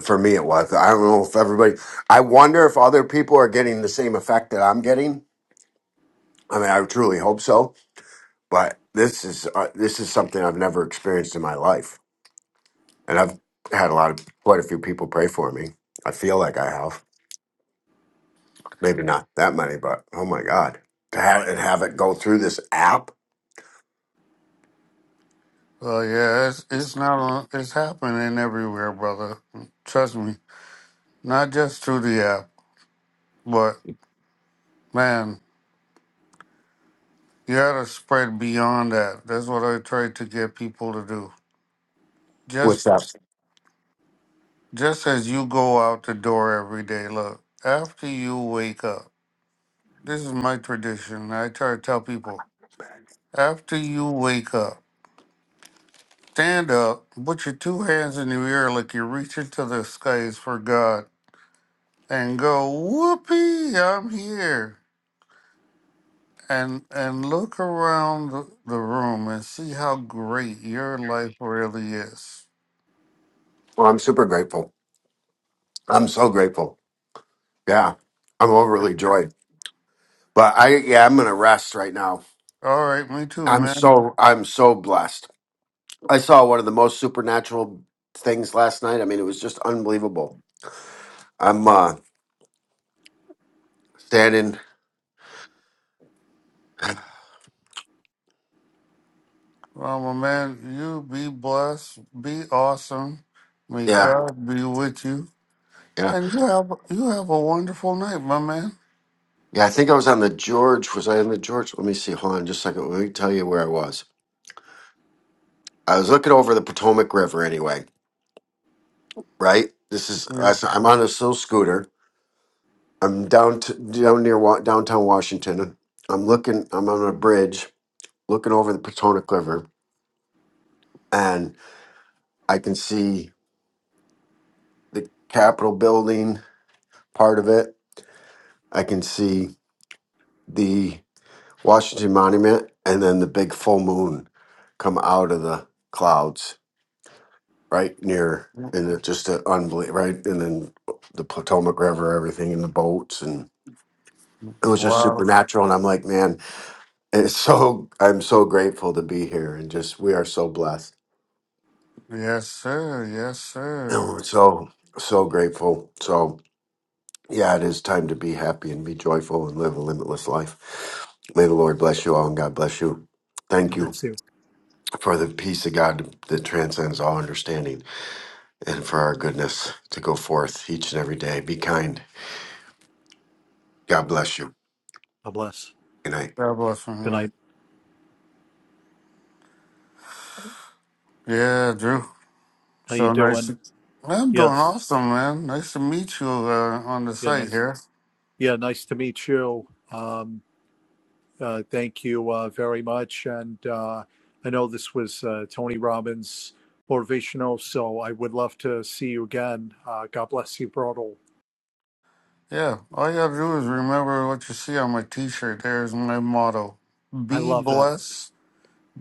for me it was. I don't know if everybody. I wonder if other people are getting the same effect that I'm getting. I mean, I truly hope so. But this is uh, this is something I've never experienced in my life, and I've had a lot of quite a few people pray for me. I feel like I have, maybe not that many, but oh my god, to have and have it go through this app. Well, yeah, it's it's not on. It's happening everywhere, brother. Trust me. Not just through the app, but man, you gotta spread beyond that. That's what I try to get people to do. What's Just that? just as you go out the door every day, look. After you wake up, this is my tradition. I try to tell people after you wake up, stand up, put your two hands in your ear like you're reaching to the skies for God, and go whoopee, I'm here. and and look around the the room and see how great your life really is. Well, I'm super grateful. I'm so grateful. Yeah, I'm overly joyed. But I yeah, I'm gonna rest right now. All right, me too, I'm man. so I'm so blessed. I saw one of the most supernatural things last night. I mean, it was just unbelievable. I'm uh standing *sighs* Well, my man, you be blessed, be awesome. May yeah, God be with you, yeah. and you have you have a wonderful night, my man. Yeah, I think I was on the George. Was I on the George? Let me see. Hold on just a second. Let me tell you where I was. I was looking over the Potomac River anyway, right? This is Yeah. I'm on this little scooter. I'm down to, down near wa- downtown Washington. I'm looking I'm on a bridge looking over the Potomac River, and I can see the Capitol building part of it. I can see the Washington Monument, and then the big full moon come out of the clouds right near, and it just an unbelievable, right? And then the Potomac River, everything in the boats, and it was just Wow. supernatural. And I'm like, man, it's so I'm so grateful to be here, and just we are so blessed. Yes, sir. Yes, *clears throat* sir. So so grateful. So. Yeah, it is time to be happy and be joyful and live a limitless life. May the Lord bless you all and God bless you. Thank God you bless you. for the peace of God that transcends all understanding and for our goodness to go forth each and every day. Be kind. God bless you. God bless. Good night. God bless my Good night. night. Yeah, Drew. How you So nice. doing? to- I'm doing Yes. awesome, man. Nice to meet you uh, on the Yeah, site nice. here. Yeah, nice to meet you. Um, Uh, thank you uh, very much. And uh, I know this was uh, Tony Robbins motivational, so I would love to see you again. Uh, God bless you, Brodel. Yeah, all you gotta do is remember what you see on my T-shirt. There's my motto: I Be love it. blessed,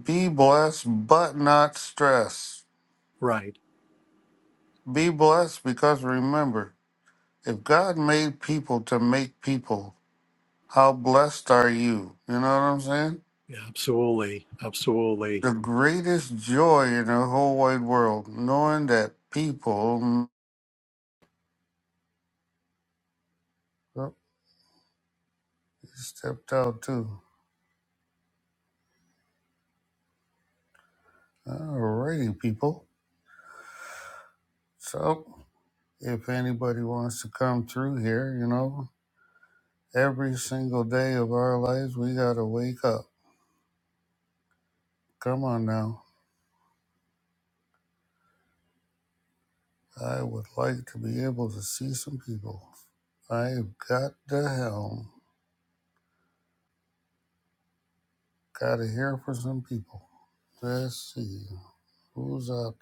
be blessed, but not stressed. Right. Be blessed because remember, if God made people to make people, how blessed are you? You know what I'm saying? Yeah, absolutely. Absolutely. The greatest joy in the whole wide world, knowing that people. Oh, he stepped out too. Alrighty, people. So, if anybody wants to come through here, you know. Every single day of our lives, we got to wake up. Come on now. I would like to be able to see some people. I've got the helm. Got to hear from some people. Let's see who's out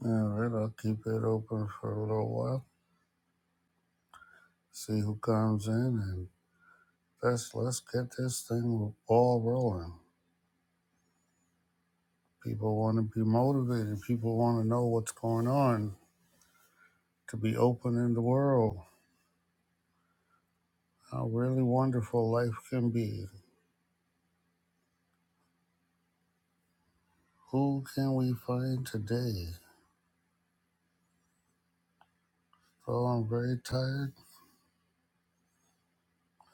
there. All right, I'll keep it open for a little while. See who comes in, and let's let's get this thing all rolling. People want to be motivated. People want to know what's going on. To be open in the world. How really wonderful life can be. Who can we find today? Oh, I'm very tired.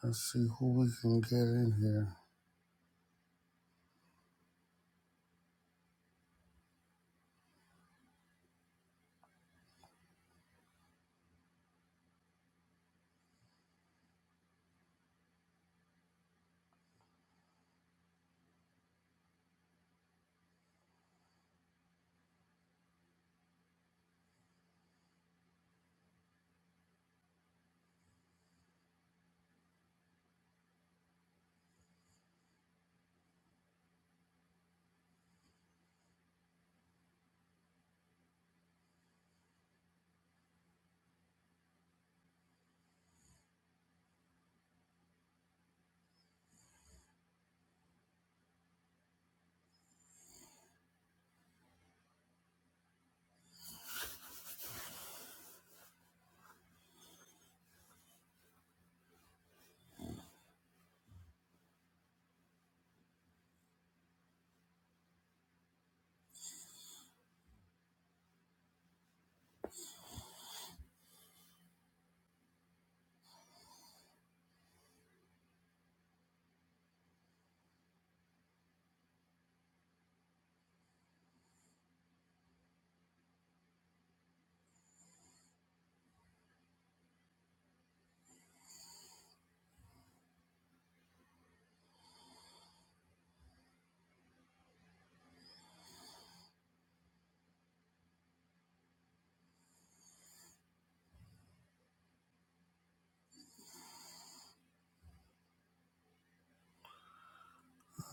Let's see who we can get in here.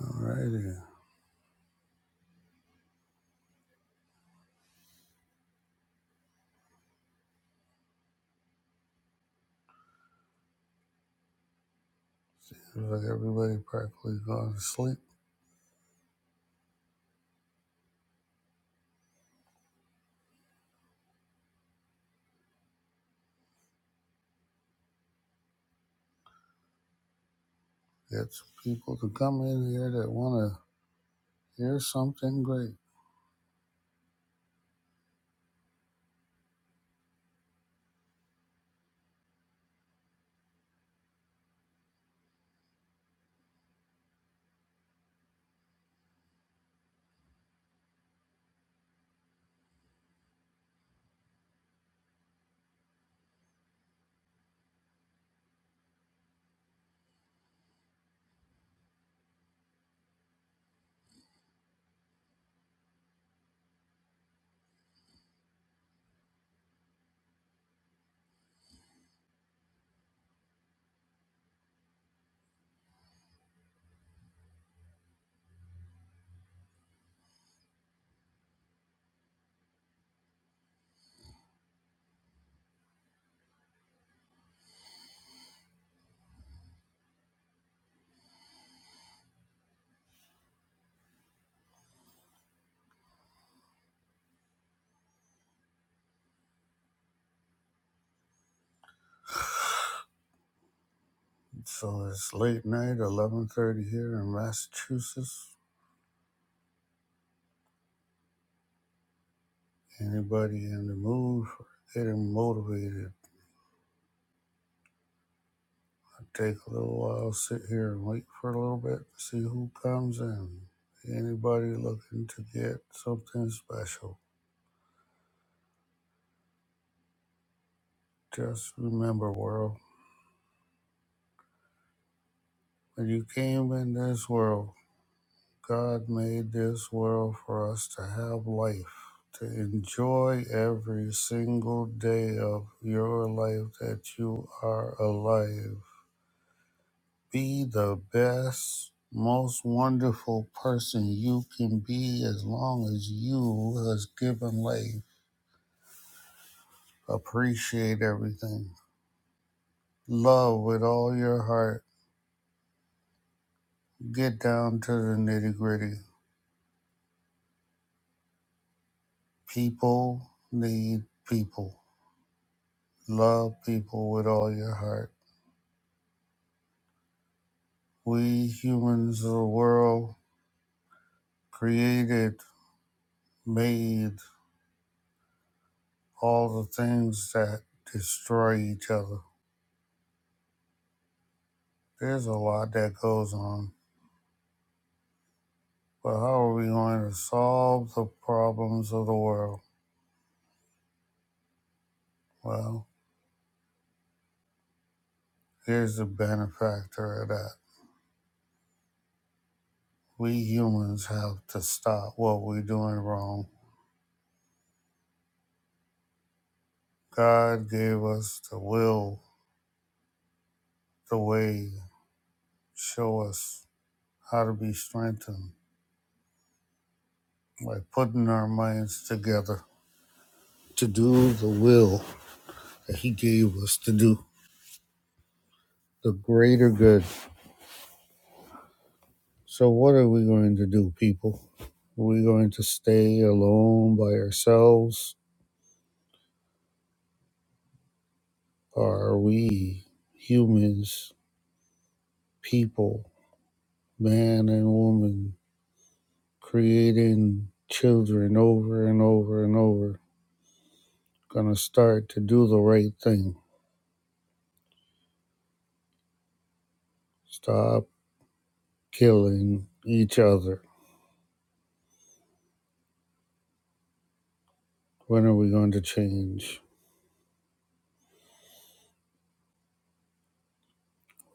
Alrighty. Seems like everybody practically gone to sleep. Get some people to come in here that want to hear something great. So it's late night, 11.30 here in Massachusetts. Anybody in the mood for getting motivated? Take a little while, sit here and wait for a little bit, to see who comes in. Anybody looking to get something special. Just remember, world, when you came in this world, God made this world for us to have life, to enjoy every single day of your life that you are alive. Be the best, most wonderful person you can be as long as you has given life. Appreciate everything. Love with all your heart. Get down to the nitty gritty. People need people. Love people with all your heart. We humans of the world created, made all the things that destroy each other. There's a lot that goes on. Well, how are we going to solve the problems of the world? Well, here's the benefactor of that. We humans have to stop what we're doing wrong. God gave us the will, the way, show us how to be strengthened by putting our minds together to do the will that He gave us to do, the greater good. So, what are we going to do, people? Are we going to stay alone by ourselves? Are we humans, people, man and woman, creating children over and over and over, gonna start to do the right thing? Stop killing each other. When are we going to change?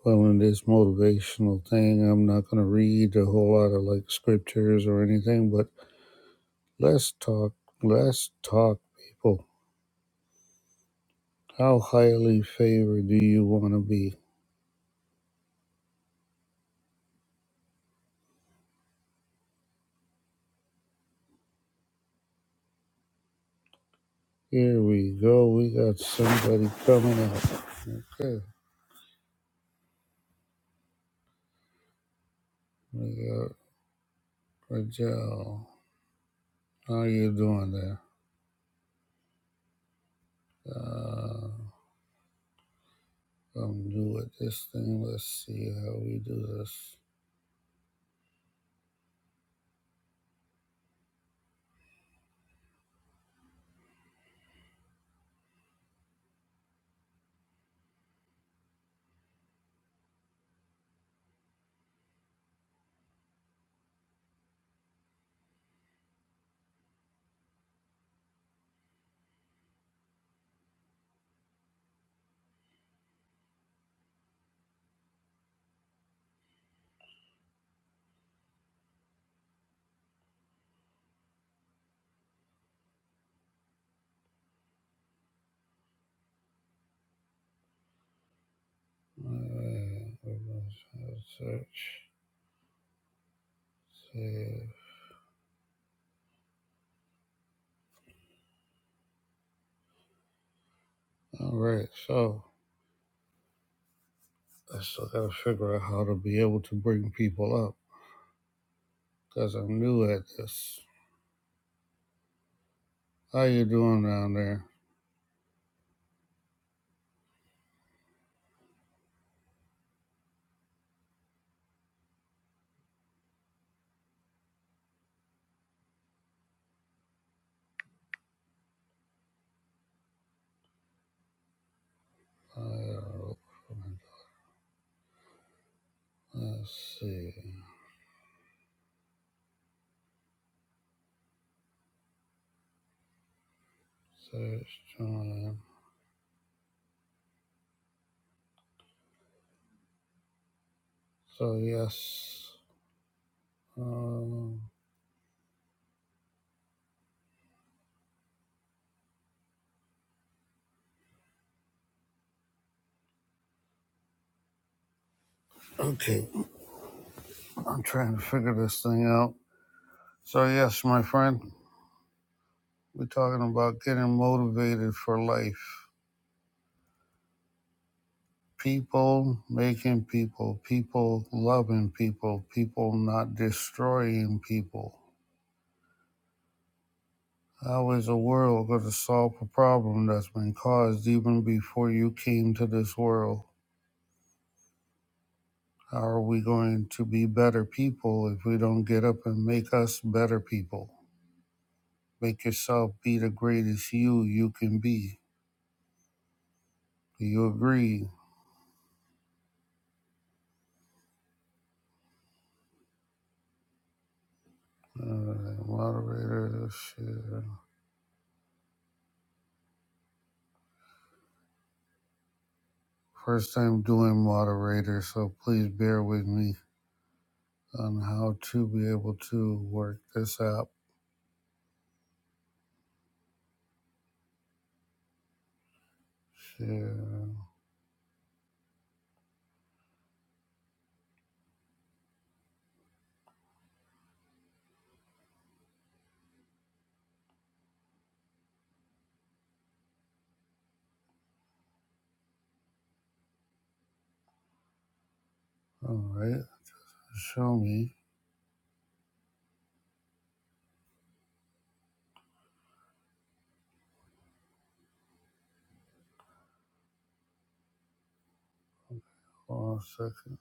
Well, in this motivational thing, I'm not going to read a whole lot of like scriptures or anything, but let's talk. Let's talk, people. How highly favored do you want to be? Here we go. We got somebody coming up. Okay. We got Rajel. How you doing there? Uh, I'm new at this thing. Let's see how we do this. All right. We're going to search. Save. All right. So I still got to figure out how to be able to bring people up because I'm new at this. How you doing down there? Uh, let's see. Search. Join. So yes. Um, okay, I'm trying to figure this thing out. So yes, my friend, we're talking about getting motivated for life. People making people, people loving people, people not destroying people. How is the world going to solve a problem that's been caused even before you came to this world? How are we going to be better people if we don't get up and make us better people? Make yourself be the greatest you you can be. Do you agree? Alright, moderator, shit. First time doing moderator, so please bear with me on how to be able to work this app. Shit. Alright, show me. One second.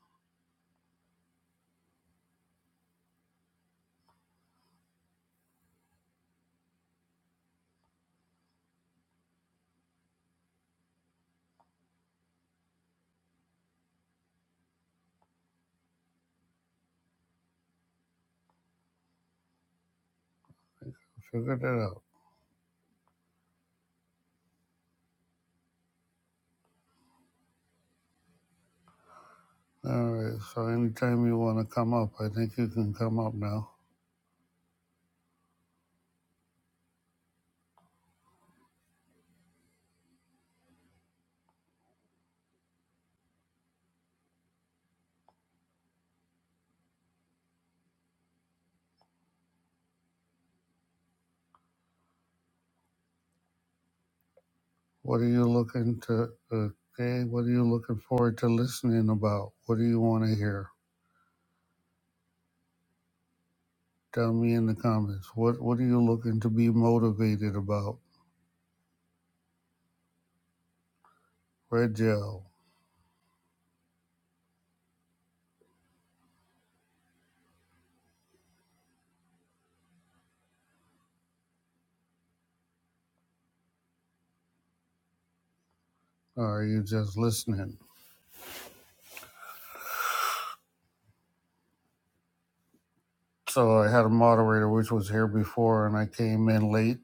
Figure that out. Alright, so anytime you want to come up, I think you can come up now. What are you looking to, okay, what are you looking forward to listening about? What do you want to hear? Tell me in the comments what what are you looking to be motivated about? Red gel, or are you just listening? So I had a moderator which was here before, and I came in late.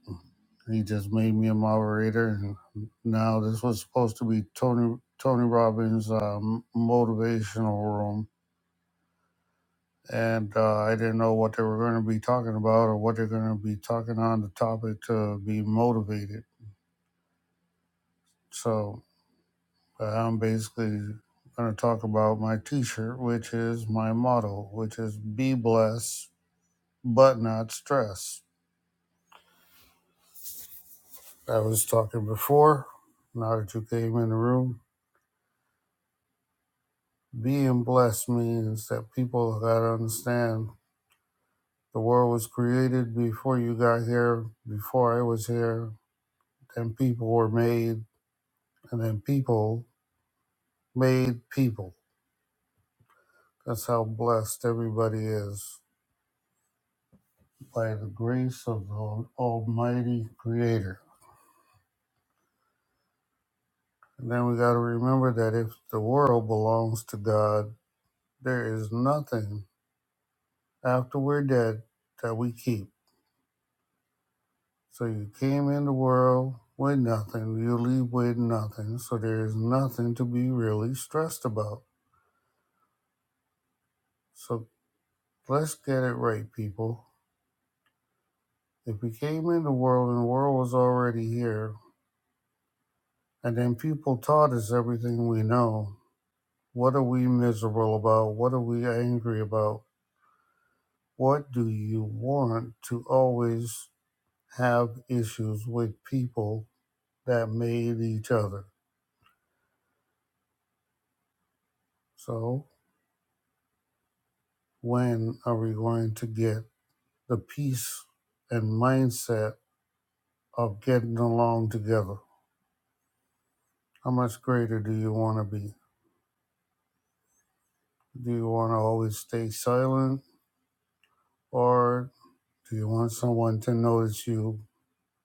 He just made me a moderator, and now this was supposed to be Tony Tony Robbins' um, motivational room, and uh, I didn't know what they were going to be talking about or what they're going to be talking on the topic to be motivated. So But I'm basically going to talk about my t shirt, which is my motto, which is be blessed, but not stressed. I was talking before, now that you came in the room. Being blessed means that people got to understand the world was created before you got here, before I was here, then people were made, and then people made people. That's how blessed everybody is by the grace of the Almighty Creator. And then we got to remember that if the world belongs to God, there is nothing after we're dead that we keep. So you came in the world with nothing, you leave with nothing. So there is nothing to be really stressed about. So let's get it right, people. If we came in the world and the world was already here, and then people taught us everything we know, what are we miserable about? What are we angry about? What do you want to always have issues with people that made each other. So, when are we going to get the peace and mindset of getting along together? How much greater do you want to be? Do you want to always stay silent, or do you want someone to notice you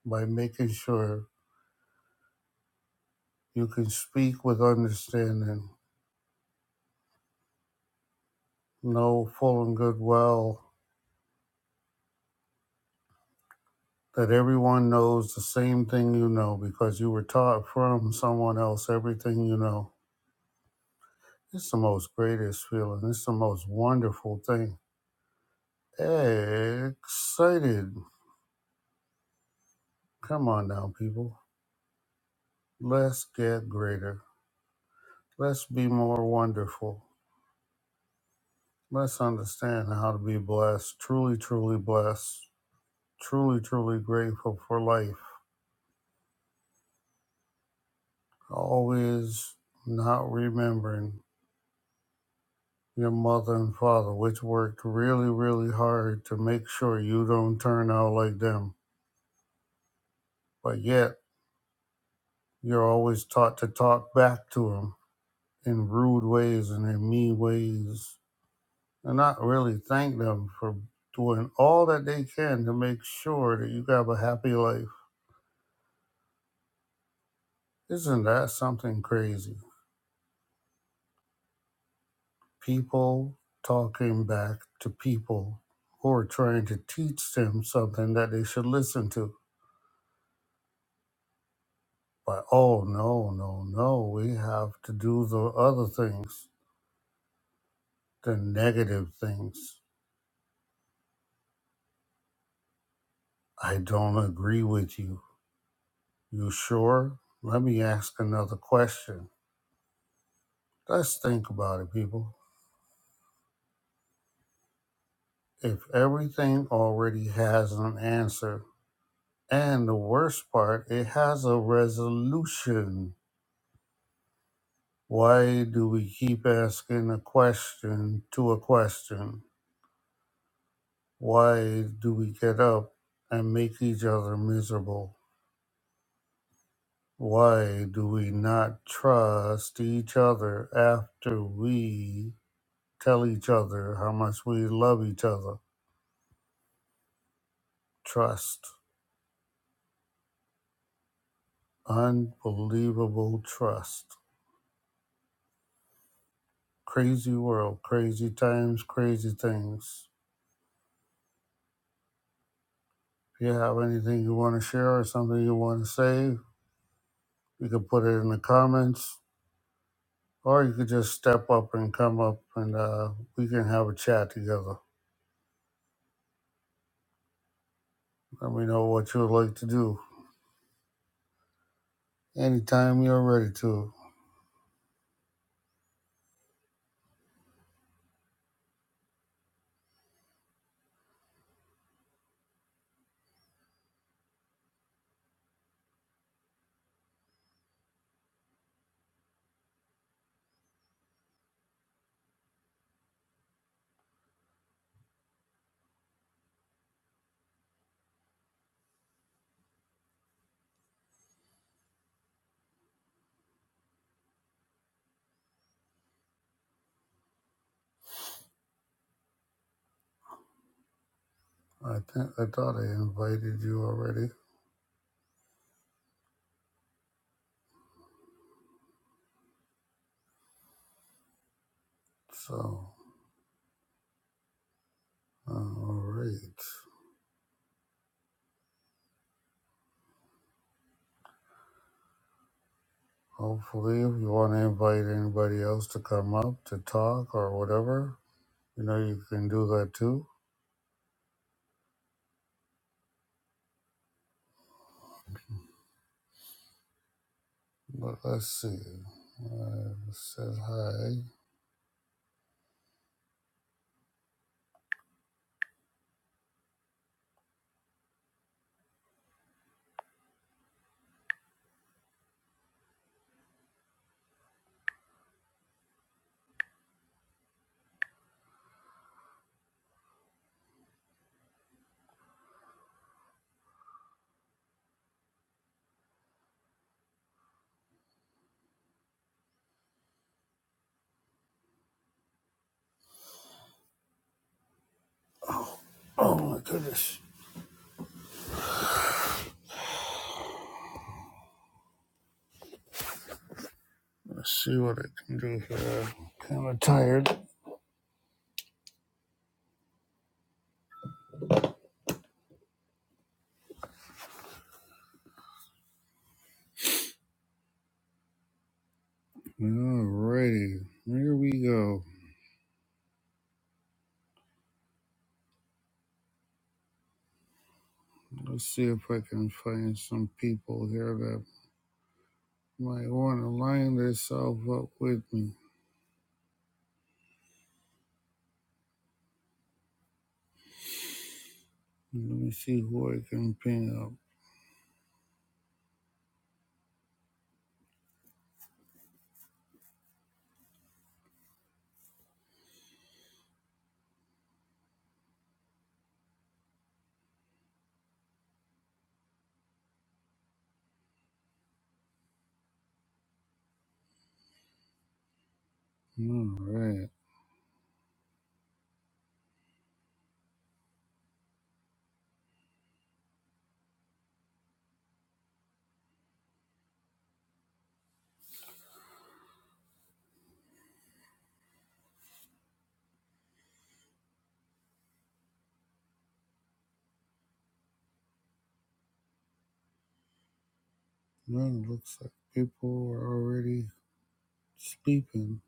by making sure you can speak with understanding, know full and good well that everyone knows the same thing you know because you were taught from someone else everything you know. It's the most greatest feeling. It's the most wonderful thing. Excited. Come on now, people. Let's get greater. Let's be more wonderful. Let's understand how to be blessed, truly, truly blessed, truly, truly grateful for life. Always not remembering your mother and father, which worked really, really hard to make sure you don't turn out like them. But yet, you're always taught to talk back to them in rude ways and in mean ways, and not really thank them for doing all that they can to make sure that you have a happy life. Isn't that something crazy? People talking back to people who are trying to teach them something that they should listen to But oh no, no, no, we have to do the other things, the negative things. I don't agree with you. You sure? Let me ask another question. Let's think about it, people. If everything already has an answer, and the worst part, it has a resolution, why do we keep asking a question to a question? Why do we get up and make each other miserable? Why do we not trust each other after we tell each other how much we love each other? Trust. Unbelievable trust. Crazy world, crazy times, crazy things. If you have anything you want to share or something you want to say, you can put it in the comments or you could just step up and come up and uh, we can have a chat together. Let me know what you would like to do anytime you're ready to. I think I thought I invited you already. So, uh, all right. Hopefully, if you want to invite anybody else to come up to talk or whatever, you know you can do that too. But let's see. I said hi. Oh my goodness. Let's see what I can do here. Kind of tired. Alrighty. Here we go. Let's see if I can find some people here that might want to line themselves up with me. Let me see who I can ping up. All right. Man, looks like people are already sleeping.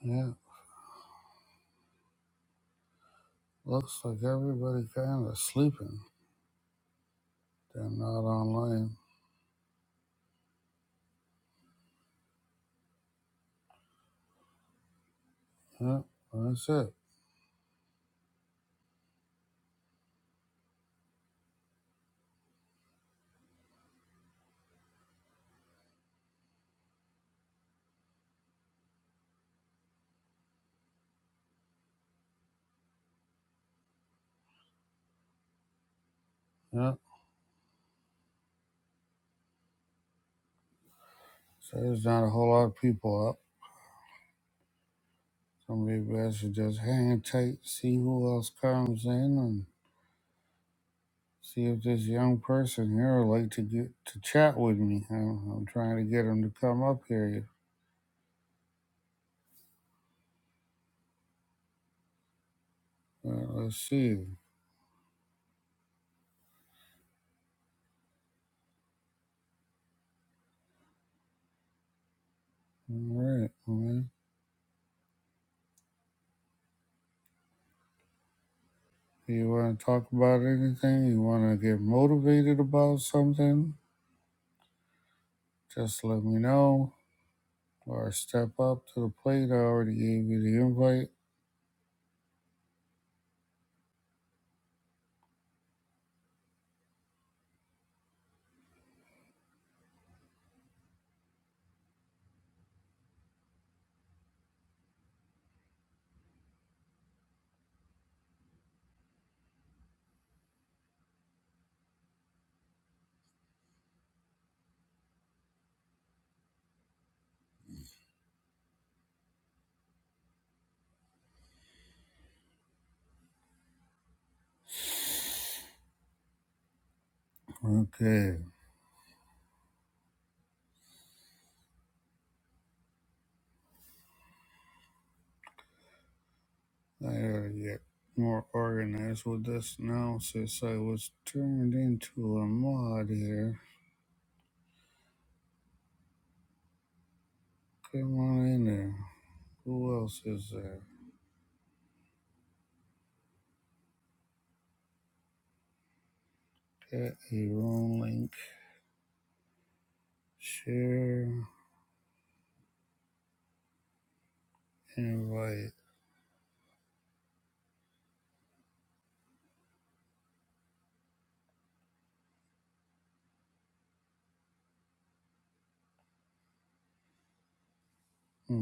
Yeah, looks like everybody kind of sleeping. They're not online. Yeah, that's it. Yeah, so there's not a whole lot of people up. So maybe I should just hang tight, see who else comes in, and see if this young person here would like to get to chat with me. I'm, I'm trying to get him to come up here. Uh, let's see. All right, man. You want to talk about anything? You want to get motivated about something? Just let me know or step up to the plate. I already gave you the invite. Okay, I gotta get more organized with this now since I was turned into a mod here. Come on in there. Who else is there? Get your own link. Share, invite. Hmm.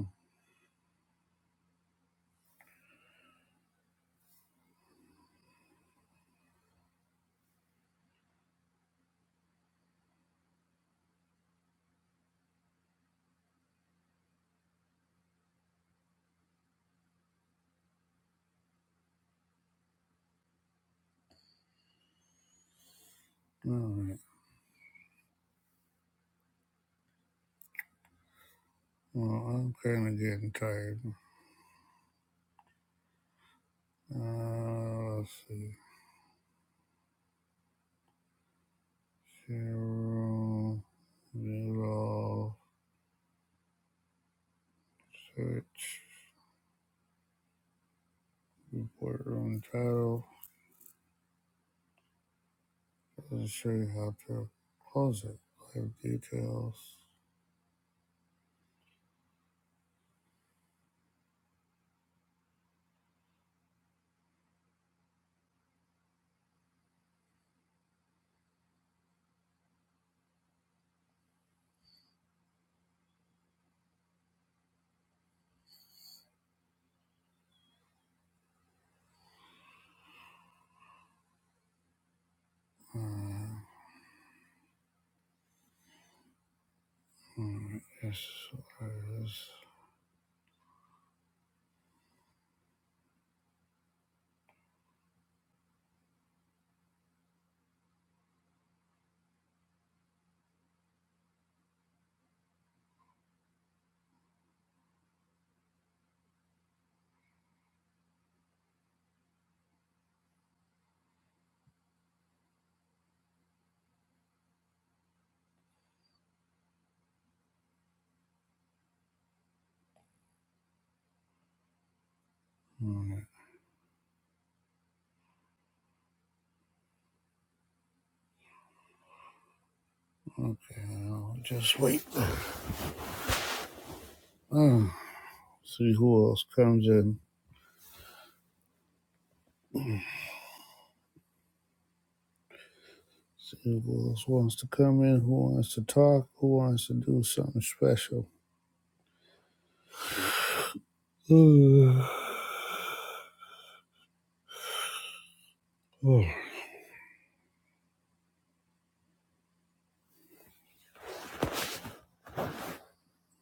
All right. Well, I'm kind of getting tired. Uh, let's see. Carol Nero search report room title. Doesn't show you how to close it. Live details. Uh, alright, yes, there it is. Alright, okay, I'll just wait. Uh, *sighs* see who else comes in. See who else wants to come in, who wants to talk, who wants to do something special. *sighs* Uh,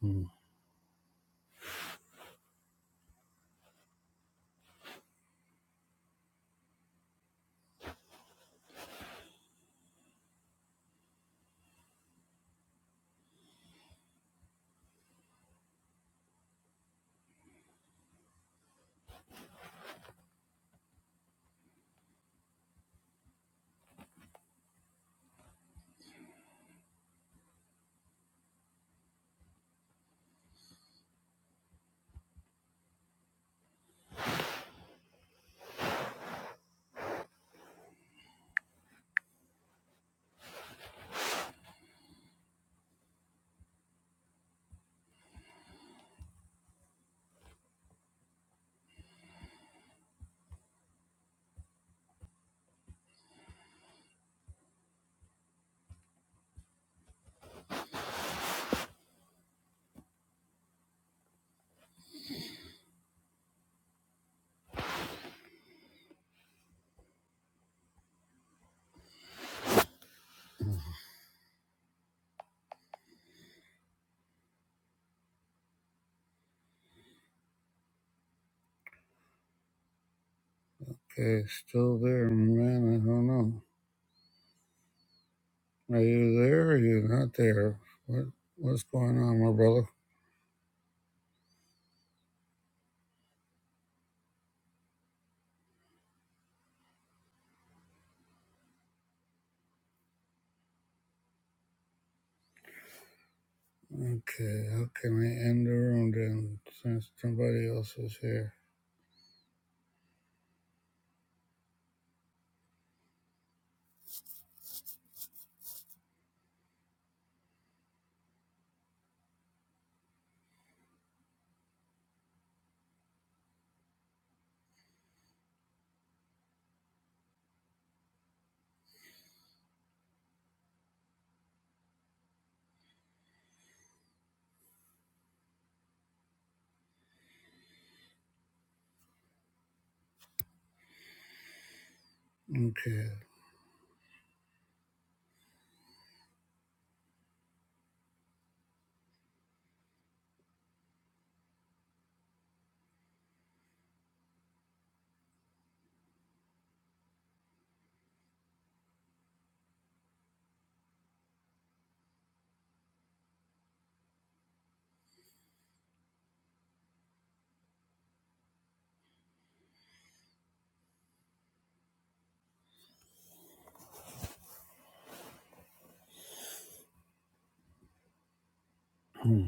Oh. Okay, still there, man. I don't know. Are you there? Or are you not there? What What's going on, my brother? Okay, how can I end the room then since somebody else is here? Okay. Hmm.